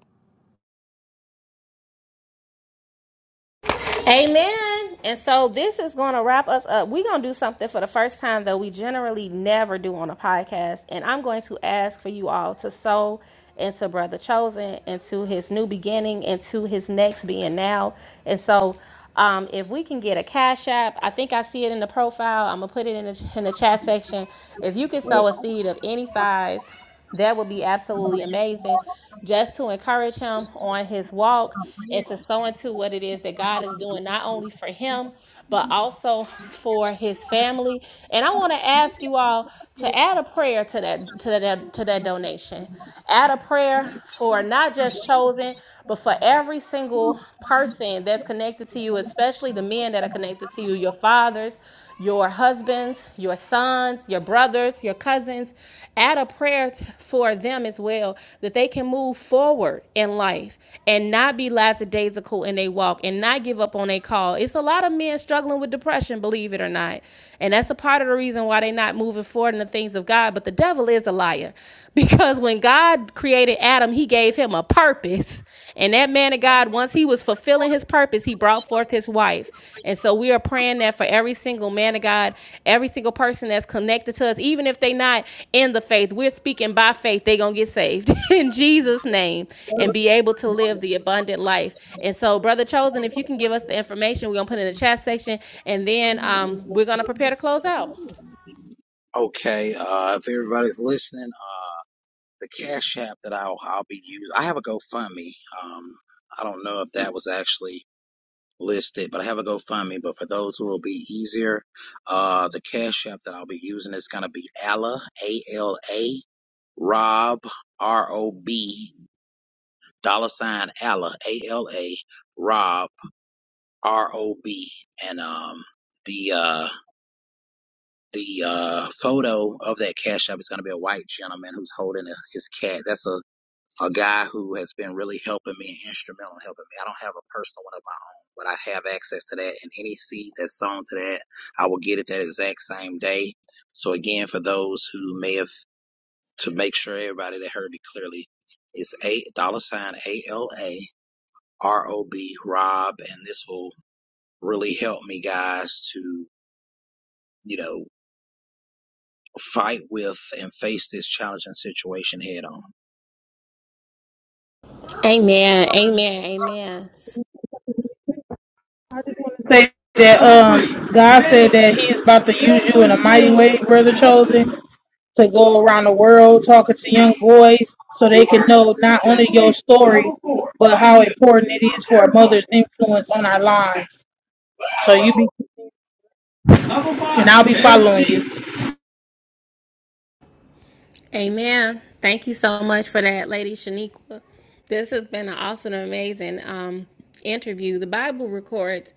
[SPEAKER 1] Amen. And so this is going to wrap us up. We're going to do something for the first time that we generally never do on a podcast. And I'm going to ask for you all to sow into Brother Chosen, into his new beginning, into his next being now. And so um, if we can get a cash app, I think I see it in the profile. I'm going to put it in the, in the chat section. If you can sow a seed of any size, that would be absolutely amazing. Just to encourage him on his walk and to sow into what it is that God is doing, not only for him, but also for his family. And I want to ask you all to add a prayer to that to that to that donation add a prayer for not just chosen, but for every single person that's connected to you, especially the men that are connected to you, your fathers, your husbands, your sons, your brothers, your cousins. Add a prayer t- for them as well that they can move forward in life and not be lackadaisical in their walk and not give up on their call. It's a lot of men struggling with depression, believe it or not. And that's a part of the reason why they're not moving forward in the things of God. But the the devil is a liar because when God created Adam, he gave him a purpose. And that man of God, once he was fulfilling his purpose, he brought forth his wife. And so we are praying that for every single man of God, every single person that's connected to us, even if they not in the faith, we're speaking by faith, they going to get saved in Jesus' name and be able to live the abundant life. And so, Brother Chosen, if you can give us the information, we're going to put it in the chat section and then um, we're going to prepare to close out.
[SPEAKER 2] Okay, uh, if everybody's listening, uh, the Cash App that I'll I'll be using. I have a GoFundMe. Um, I don't know if that was actually listed, but I have a GoFundMe. But for those who will be easier, uh, the Cash App that I'll be using is gonna be Alla A L A Rob R O B dollar sign Alla A L A Rob R O B and um the uh the uh photo of that cash app is going to be a white gentleman who's holding a, his cat. That's a a guy who has been really helping me and instrumental in helping me. I don't have a personal one of my own, but I have access to that. And any seed that's sown to that, I will get it that exact same day. So again, for those who may have to make sure everybody that heard me clearly, it's a dollar sign A L A R O B Rob, and this will really help me guys to you know fight with and face this challenging situation head on.
[SPEAKER 1] Amen. Amen. Amen.
[SPEAKER 4] I just want to say that um God said that he is about to use you in a mighty way, brother chosen. to go around the world talking to young boys so they can know not only your story, but how important it is for a mother's influence on our lives. So you be, and I'll be following you.
[SPEAKER 1] Amen. Thank you so much for that, Lady Shaniqua. This has been an awesome, amazing um, interview. The Bible records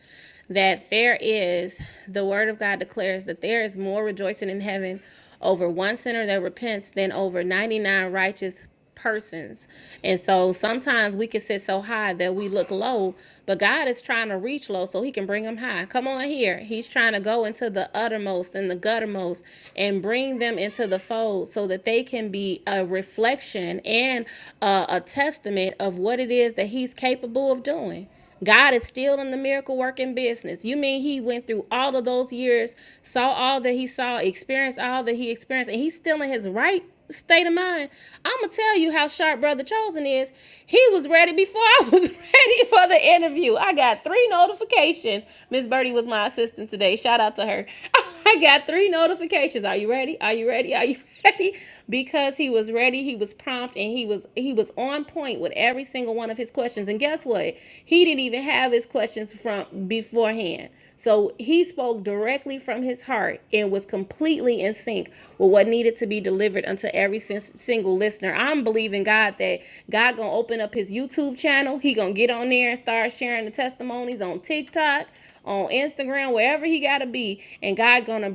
[SPEAKER 1] that there is, the Word of God declares that there is more rejoicing in heaven over one sinner that repents than over 99 righteous persons. And so sometimes we can sit so high that we look low, but God is trying to reach low so he can bring them high. Come on here. He's trying to go into the uttermost and the guttermost and bring them into the fold so that they can be a reflection and uh, a testament of what it is that he's capable of doing. God is still in the miracle working business. You mean he went through all of those years, saw all that he saw, experienced all that he experienced, and he's still in his right state of mind. I'm gonna tell you how sharp Brother Chosen is. He was ready before I was ready for the interview. I got three notifications. Miss Birdie was my assistant today. Shout out to her. I got three notifications. Are you ready? Are you ready? Are you ready? happy because he was ready, he was prompt, and he was he was on point with every single one of his questions. And guess what? He didn't even have his questions from beforehand. So he spoke directly from his heart and was completely in sync with what needed to be delivered unto every single listener. I'm believing God that God gonna open up his YouTube channel. He gonna get on there and start sharing the testimonies on TikTok, on Instagram, wherever he gotta be, and God gonna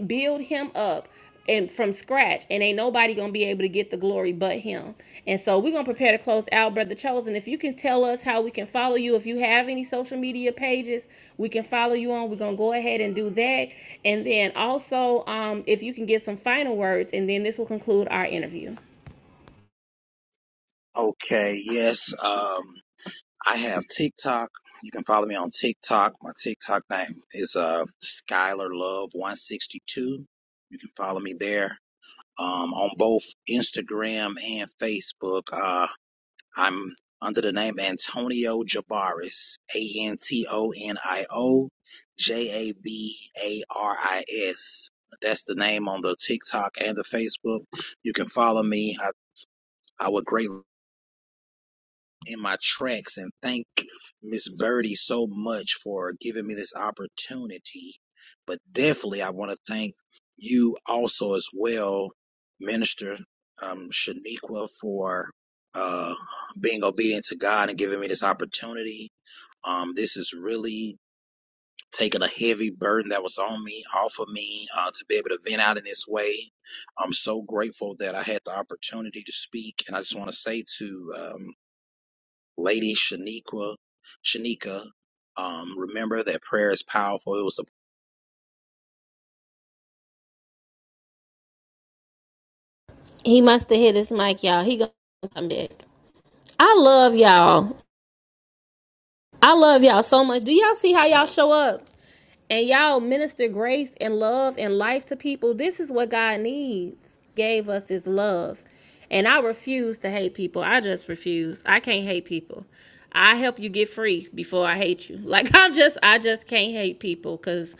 [SPEAKER 1] build him up and from scratch and ain't nobody gonna be able to get the glory but him and so we're gonna prepare to close out brother chosen if you can tell us how we can follow you if you have any social media pages we can follow you on we're gonna go ahead and do that and then also um, if you can give some final words and then this will conclude our interview
[SPEAKER 2] Okay, yes. Um, I have TikTok. You can follow me on TikTok. My TikTok name is uh Skylar Love 162. You can follow me there. Um, on both Instagram and Facebook, uh, I'm under the name Antonio Jabaris, A N T O N I O J A B A R I S. That's the name on the TikTok and the Facebook. You can follow me. I, I would greatly in my tracks and thank Miss Birdie so much for giving me this opportunity. But definitely, I want to thank you also as well, Minister um, Shaniqua, for uh, being obedient to God and giving me this opportunity. Um, this is really taking a heavy burden that was on me off of me uh, to be able to vent out in this way. I'm so grateful that I had the opportunity to speak, and I just want to say to um, Lady Shaniqua, Shanika, um, remember that prayer is powerful. It was a
[SPEAKER 1] He must have hit his mic, y'all. He gonna come back. I love y'all. I love y'all so much. Do y'all see how y'all show up? and y'all minister grace and love and life to people this is what god needs gave us is love and i refuse to hate people i just refuse i can't hate people i help you get free before i hate you like i'm just i just can't hate people because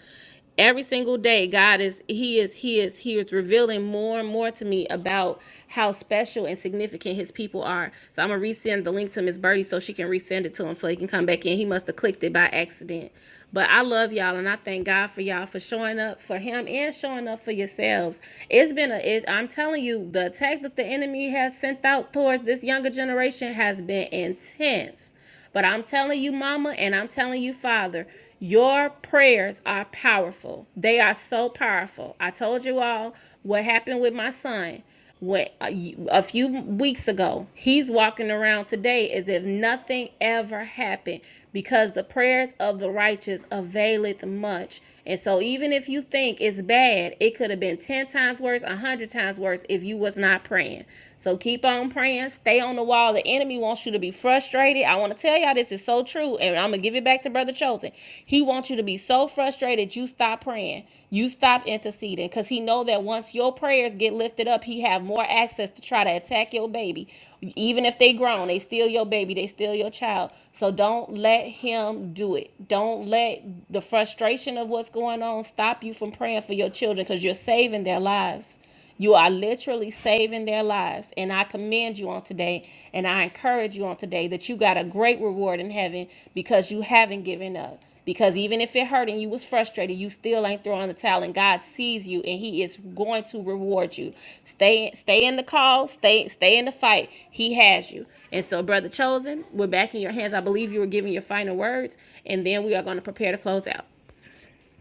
[SPEAKER 1] every single day god is he is he is he is revealing more and more to me about how special and significant his people are so i'm gonna resend the link to miss birdie so she can resend it to him so he can come back in he must have clicked it by accident but i love y'all and i thank god for y'all for showing up for him and showing up for yourselves it's been a it, i'm telling you the attack that the enemy has sent out towards this younger generation has been intense but I'm telling you, Mama, and I'm telling you, Father, your prayers are powerful. They are so powerful. I told you all what happened with my son when a a few weeks ago he's walking around today as if nothing ever happened because the prayers of the righteous availeth much and so even if you think it's bad it could have been 10 times worse a 100 times worse if you was not praying so keep on praying. Stay on the wall. The enemy wants you to be frustrated. I want to tell y'all this is so true. And I'm going to give it back to Brother Chosen. He wants you to be so frustrated you stop praying. You stop interceding because he know that once your prayers get lifted up, he have more access to try to attack your baby. Even if they grown, they steal your baby. They steal your child. So don't let him do it. Don't let the frustration of what's going on stop you from praying for your children because you're saving their lives. You are literally saving their lives. And I commend you on today and I encourage you on today that you got a great reward in heaven because you haven't given up. Because even if it hurt and you was frustrated, you still ain't throwing the towel and God sees you and He is going to reward you. Stay stay in the call, stay stay in the fight. He has you. And so, brother chosen, we're back in your hands. I believe you were giving your final words, and then we are going to prepare to close out.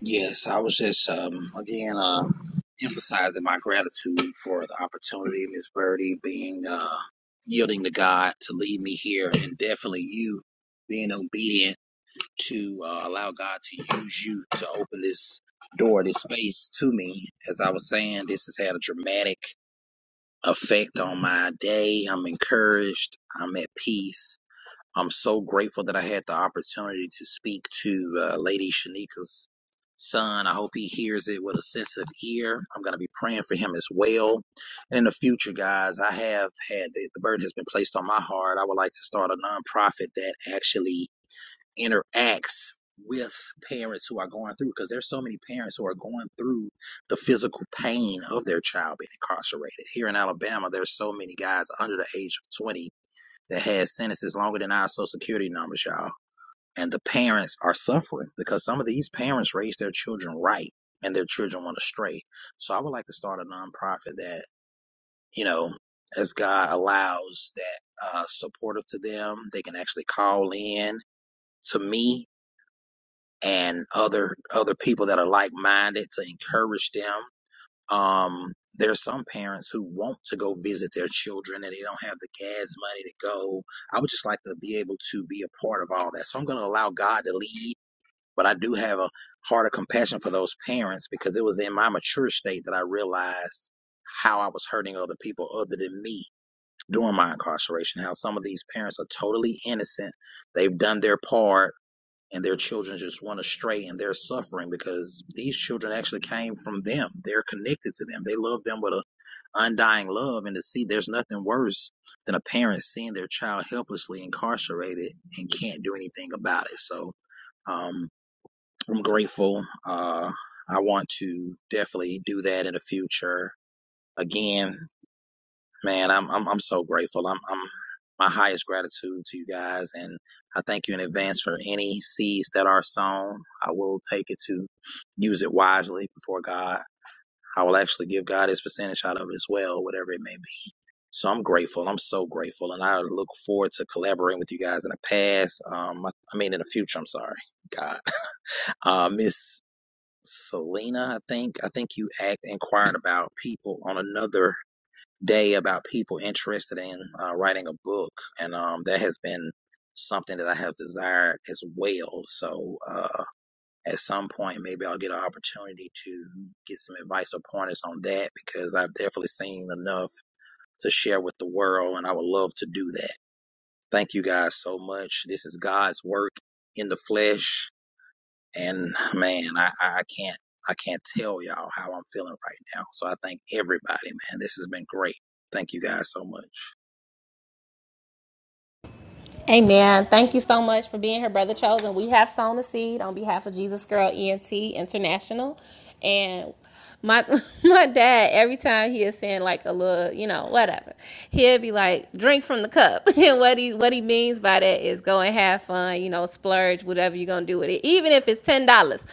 [SPEAKER 2] yes. I was just um, again uh, emphasizing my gratitude for the opportunity, Miss Birdie, being uh, yielding to God to lead me here, and definitely you being obedient to uh, allow God to use you to open this door, this space to me. As I was saying, this has had a dramatic effect on my day. I'm encouraged. I'm at peace I'm so grateful that I had the opportunity to speak to uh, Lady Shanika's son. I hope he hears it with a sensitive ear. I'm going to be praying for him as well. And in the future, guys, I have had the, the burden has been placed on my heart. I would like to start a nonprofit that actually interacts with parents who are going through because there's so many parents who are going through the physical pain of their child being incarcerated. Here in Alabama, there's so many guys under the age of 20 that has sentences longer than our social security numbers, y'all. And the parents are suffering because some of these parents raise their children right and their children went astray. So I would like to start a nonprofit that, you know, as God allows that uh, supportive to them, they can actually call in to me and other other people that are like minded to encourage them um, there's some parents who want to go visit their children and they don't have the gas money to go. I would just like to be able to be a part of all that. So I'm going to allow God to lead, but I do have a heart of compassion for those parents because it was in my mature state that I realized how I was hurting other people other than me during my incarceration, how some of these parents are totally innocent. They've done their part and their children just went astray and they're suffering because these children actually came from them. They're connected to them. They love them with a undying love and to see there's nothing worse than a parent seeing their child helplessly incarcerated and can't do anything about it. So um, I'm grateful. Uh, I want to definitely do that in the future. Again, Man, I'm I'm I'm so grateful. I'm I'm my highest gratitude to you guys, and I thank you in advance for any seeds that are sown. I will take it to use it wisely before God. I will actually give God His percentage out of it as well, whatever it may be. So I'm grateful. I'm so grateful, and I look forward to collaborating with you guys in the past. Um, I, I mean in the future. I'm sorry, God. Uh, Miss Selena, I think I think you act inquired about people on another day about people interested in uh, writing a book, and um, that has been something that I have desired as well. So uh, at some point, maybe I'll get an opportunity to get some advice or pointers on that because I've definitely seen enough to share with the world, and I would love to do that. Thank you guys so much. This is God's work in the flesh, and man, I, I I can't. I can't tell y'all how I'm feeling right now. So I thank everybody, man. This has been great. Thank you guys so much.
[SPEAKER 1] Amen. Thank you so much for being here, Brother Chosen. We have sown a seed on behalf of Jesus Girl ENT International. And my my dad, every time he is saying like a little, you know, whatever, he'll be like, drink from the cup. And what he what he means by that is go and have fun, you know, splurge, whatever you're gonna do with it, even if it's ten dollars.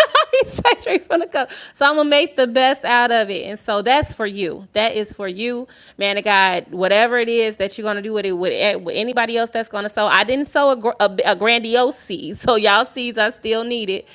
[SPEAKER 1] He's like straight from the cup. So I'm gonna make the best out of it. And so that's for you. That is for you, man of God. Whatever it is that you're gonna do with it, with, eh, with anybody else that's gonna sow. I didn't sow a, gr- a, a grandiose seed, so y'all seeds are still needed.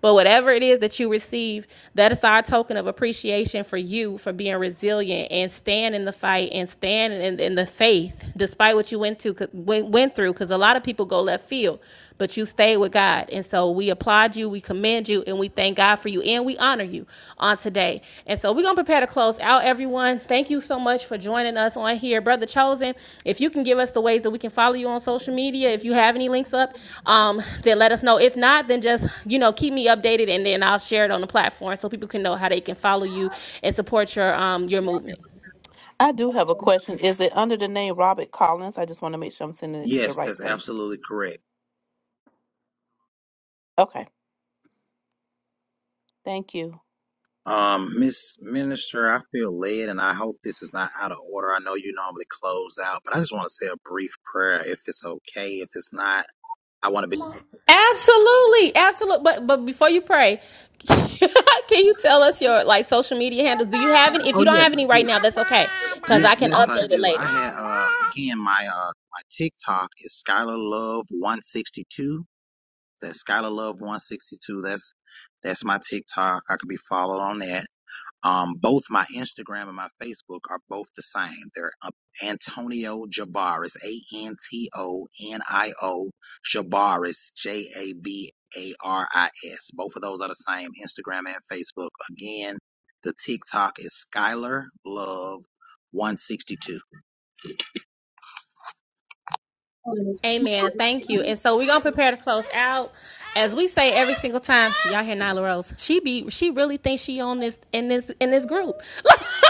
[SPEAKER 1] But whatever it is that you receive, that is our token of appreciation for you for being resilient and stand in the fight and stand in, in the faith despite what you went to went, went through. Because a lot of people go left field but you stayed with God. And so we applaud you, we commend you, and we thank God for you, and we honor you on today. And so we're going to prepare to close out, everyone. Thank you so much for joining us on here. Brother Chosen, if you can give us the ways that we can follow you on social media, if you have any links up, um, then let us know. If not, then just, you know, keep me updated, and then I'll share it on the platform so people can know how they can follow you and support your, um, your movement.
[SPEAKER 3] I do have a question. Is it under the name Robert Collins? I just want to make sure I'm sending it to the
[SPEAKER 2] Yes,
[SPEAKER 3] right
[SPEAKER 2] that's
[SPEAKER 3] place.
[SPEAKER 2] absolutely correct.
[SPEAKER 3] Okay, thank you.
[SPEAKER 2] Um, Miss Minister, I feel led and I hope this is not out of order. I know you normally close out, but I just want to say a brief prayer if it's okay. If it's not, I want to be.
[SPEAKER 1] Absolutely, absolutely. But but before you pray, can you tell us your like social media handles? Do you have any? If
[SPEAKER 2] Oh,
[SPEAKER 1] you don't
[SPEAKER 2] yes,
[SPEAKER 1] have
[SPEAKER 2] I
[SPEAKER 1] any right
[SPEAKER 2] do.
[SPEAKER 1] now, that's okay, because
[SPEAKER 2] Yes,
[SPEAKER 1] I can
[SPEAKER 2] yes, I
[SPEAKER 1] update it
[SPEAKER 2] do. I
[SPEAKER 1] later.
[SPEAKER 2] had, uh, again, my, uh, my TikTok is Skylar Love 162. That's Skylar Love 162. That's, that's my TikTok. I could be followed on that. Um, both my Instagram and my Facebook are both the same. They're uh, Antonio Jabaris, A N T O N I O Jabaris, J A B A R I S. Both of those are the same, Instagram and Facebook. Again, the TikTok is Skylar Love 162.
[SPEAKER 1] Amen. Thank you. And so we're gonna prepare to close out. As we say every single time, y'all hear Nyla Rose. She be she really thinks she on this in this in this group.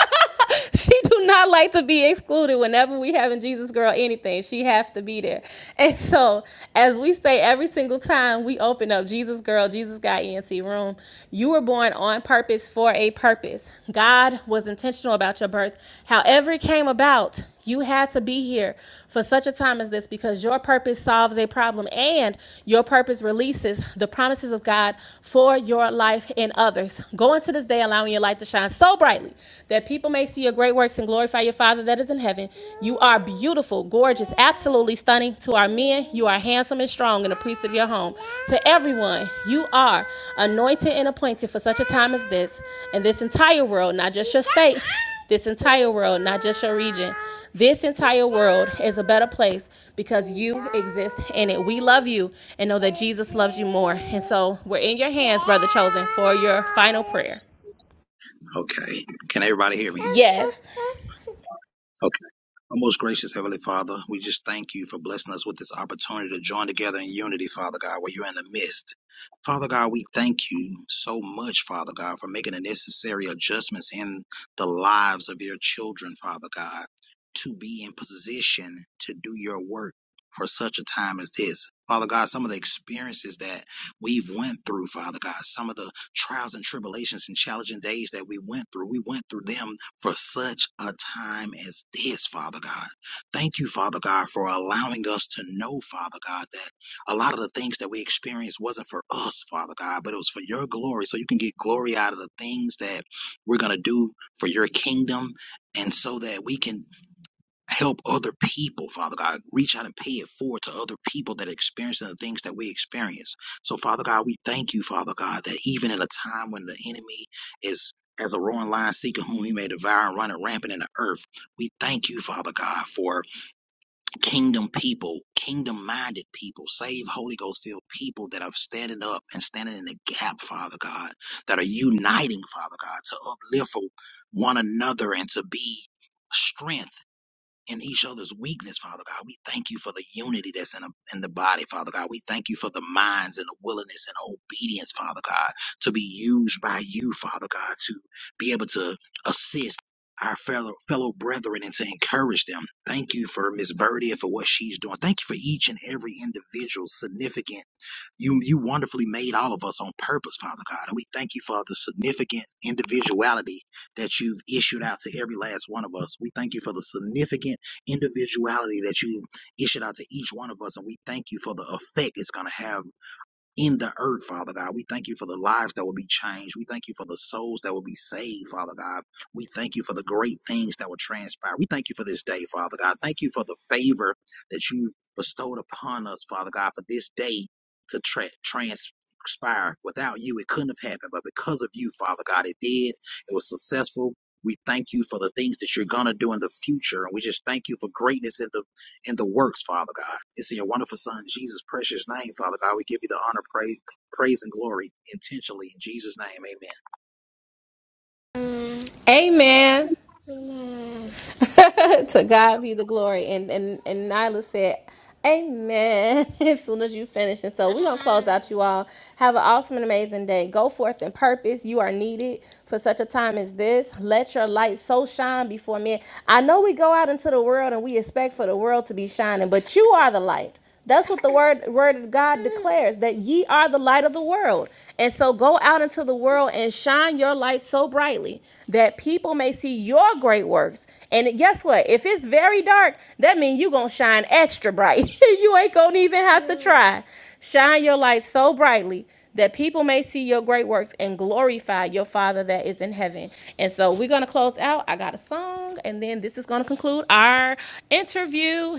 [SPEAKER 1] she do not like to be excluded whenever we having Jesus girl anything. She have to be there. And so as we say every single time we open up Jesus girl, Jesus guy ENT room, you were born on purpose for a purpose. God was intentional about your birth. However, it came about, you had to be here for such a time as this because your purpose solves a problem and your purpose releases the promises of God for your life and others. Go into this day allowing your light to shine so brightly that people may see your great works and glorify your Father that is in heaven. You are beautiful, gorgeous, absolutely stunning to our are men, you are handsome and strong and a priest of your home. To everyone, you are anointed and appointed for such a time as this, and this entire world, not just your state, this entire world, not just your region. This entire world is a better place because you exist in it. We love you and know that Jesus loves you more. And so we're in your hands, brother chosen, for your final prayer.
[SPEAKER 2] Okay. Can everybody hear me?
[SPEAKER 1] Yes.
[SPEAKER 2] Our most gracious Heavenly Father, we just thank you for blessing us with this opportunity to join together in unity, Father God, where you're in the midst. Father God, we thank you so much, Father God, for making the necessary adjustments in the lives of your children, Father God, to be in position to do your work for such a time as this. Father God, some of the experiences that we've went through, Father God, some of the trials and tribulations and challenging days that we went through. We went through them for such a time as this, Father God. Thank you, Father God, for allowing us to know, Father God, that a lot of the things that we experienced wasn't for us, Father God, but it was for your glory. So you can get glory out of the things that we're going to do for your kingdom and so that we can help other people, Father God. Reach out and pay it forward to other people that are experiencing the things that we experience. So, Father God, we thank you, Father God, that even in a time when the enemy is as a roaring lion seeking whom he may devour and running rampant in the earth, we thank you, Father God, for kingdom people, kingdom minded people, save Holy Ghost filled people that are standing up and standing in the gap, Father God, that are uniting, Father God, to uplift one another and to be strength and he showed us weakness, Father God. We thank you for the unity that's in, a, in the body, Father God. We thank you for the minds and the willingness and obedience, Father God, to be used by you, Father God, to be able to assist our fellow fellow brethren and to encourage them. Thank you for Miss Birdie and for what she's doing. Thank you for each and every individual significant you, you wonderfully made all of us on purpose, Father God. And we thank you for the significant individuality that you've issued out to every last one of us. We thank you for the significant individuality that you issued out to each one of us. And we thank you for the effect it's going to have in the earth, Father God. We thank you for the lives that will be changed. We thank you for the souls that will be saved, Father God. We thank you for the great things that will transpire. We thank you for this day, Father God. Thank you for the favor that you've bestowed upon us, Father God, for this day to tra- transpire. Without you, it couldn't have happened, but because of you, Father God, it did. It was successful. We thank you for the things that you're going to do in the future. And we just thank you for greatness in the and the works, Father God. It's in your wonderful Son, Jesus' precious name, Father God. We give you the honor, praise, praise and glory intentionally in Jesus' name. Amen.
[SPEAKER 1] Amen. to God be the glory. And and and Nyla said, Amen. As soon as you finish. And so we're gonna close out you all. Have an awesome and amazing day. Go forth in purpose. You are needed for such a time as this. Let your light so shine before men. I know we go out into the world and we expect for the world to be shining, but you are the light. That's what the word word of God declares that ye are the light of the world. And so go out into the world and shine your light so brightly that people may see your great works. And guess what? If it's very dark, that means you're gonna shine extra bright. you ain't gonna even have to try. Shine your light so brightly that people may see your great works and glorify your Father that is in heaven. And so we're gonna close out. I got a song, and then this is gonna conclude our interview.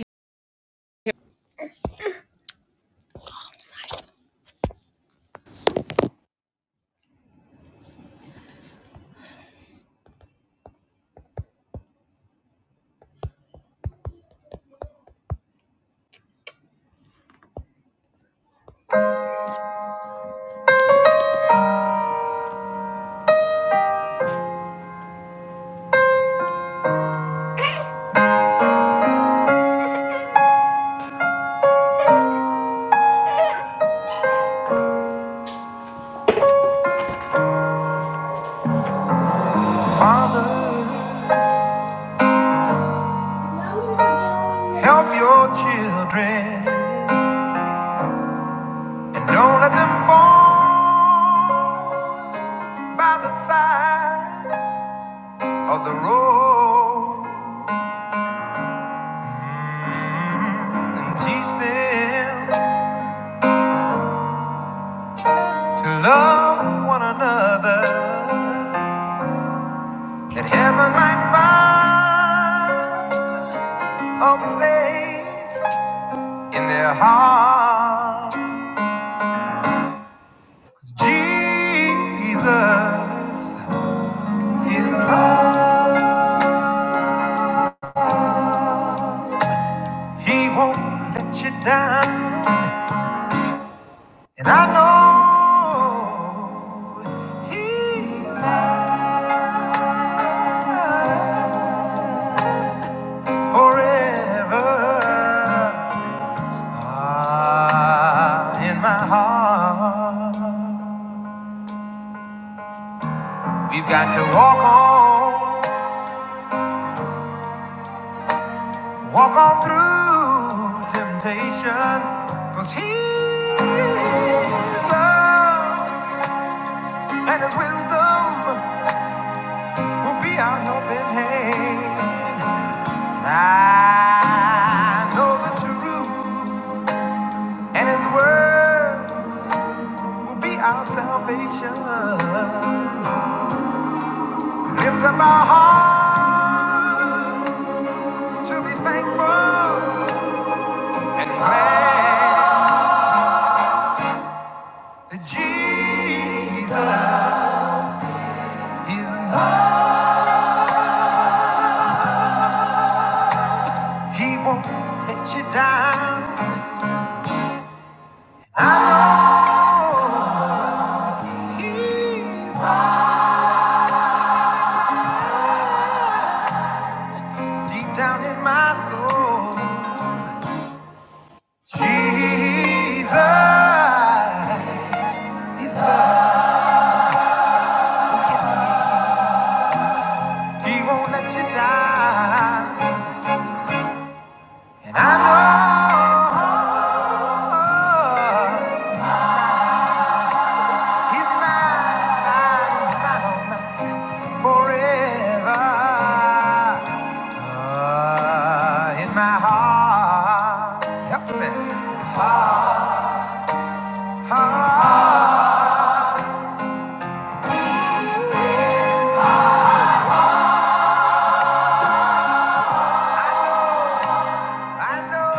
[SPEAKER 1] Father. Help your children and don't let them fall by the side of the road. Teach them to love one another that heaven might find a place in their hearts. Jesus is love. He won't let you down. And I know he's mine forever ah, in my heart. We've got to walk on, walk on through temptation. Cause he's love and his wisdom. will be our helping hand. I know the truth, and His word will be our salvation. Lift up our hearts to be thankful and glad that Jesus is enough. He won't let you down. I know He's mine. Deep down in my soul, Jesus, He's love. Oh, yes, He is. He won't let you die. And I know He's mine, mine, mine forever. Ah, in my heart, help me. Heart, heart. I know,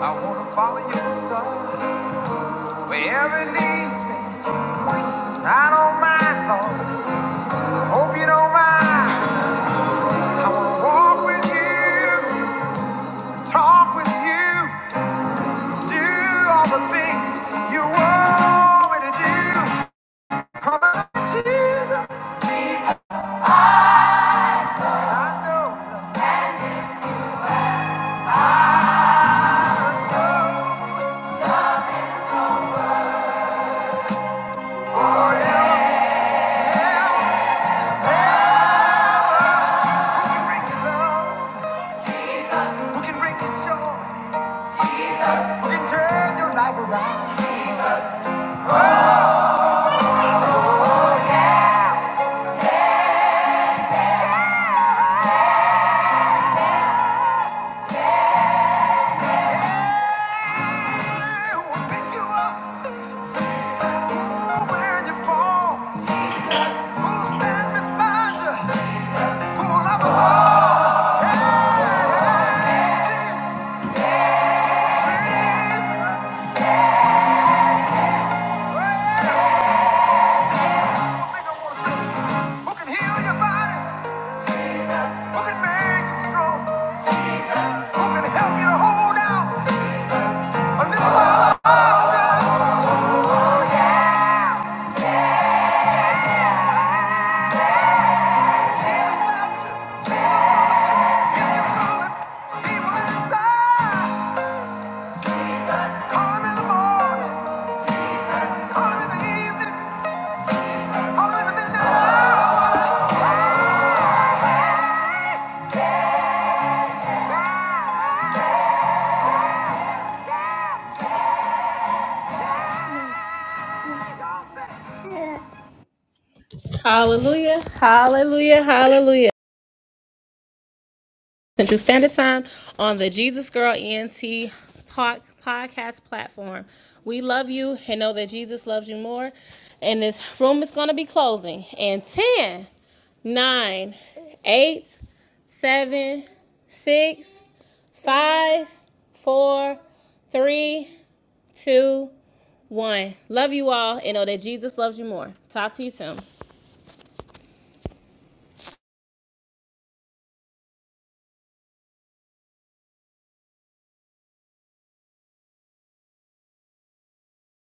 [SPEAKER 1] I wanna Follow your star, wherever it leads me. I don't mind, Lord. I hope you don't mind. I wanna walk with you, talk with you, do all the things you want me to do. 'Cause Jesus, I know. Break the law. Who can Who can turn your life around? Yeah, who will pick you up? when you fall? Who'll stand beside you? Who'll love all? Yeah, Jesus. Well, I think Who can heal your body? Who can make you strong? Who can help you to hold out a little while longer? Yeah. Hallelujah, hallelujah, hallelujah. Central Standard Time on the Jesus Girl ENT pod- podcast platform. We love you and know that Jesus loves you more. And this room is going to be closing in ten, nine, eight, seven, six, five, four, three, two, one. Love you all and know that Jesus loves you more. Talk to you soon.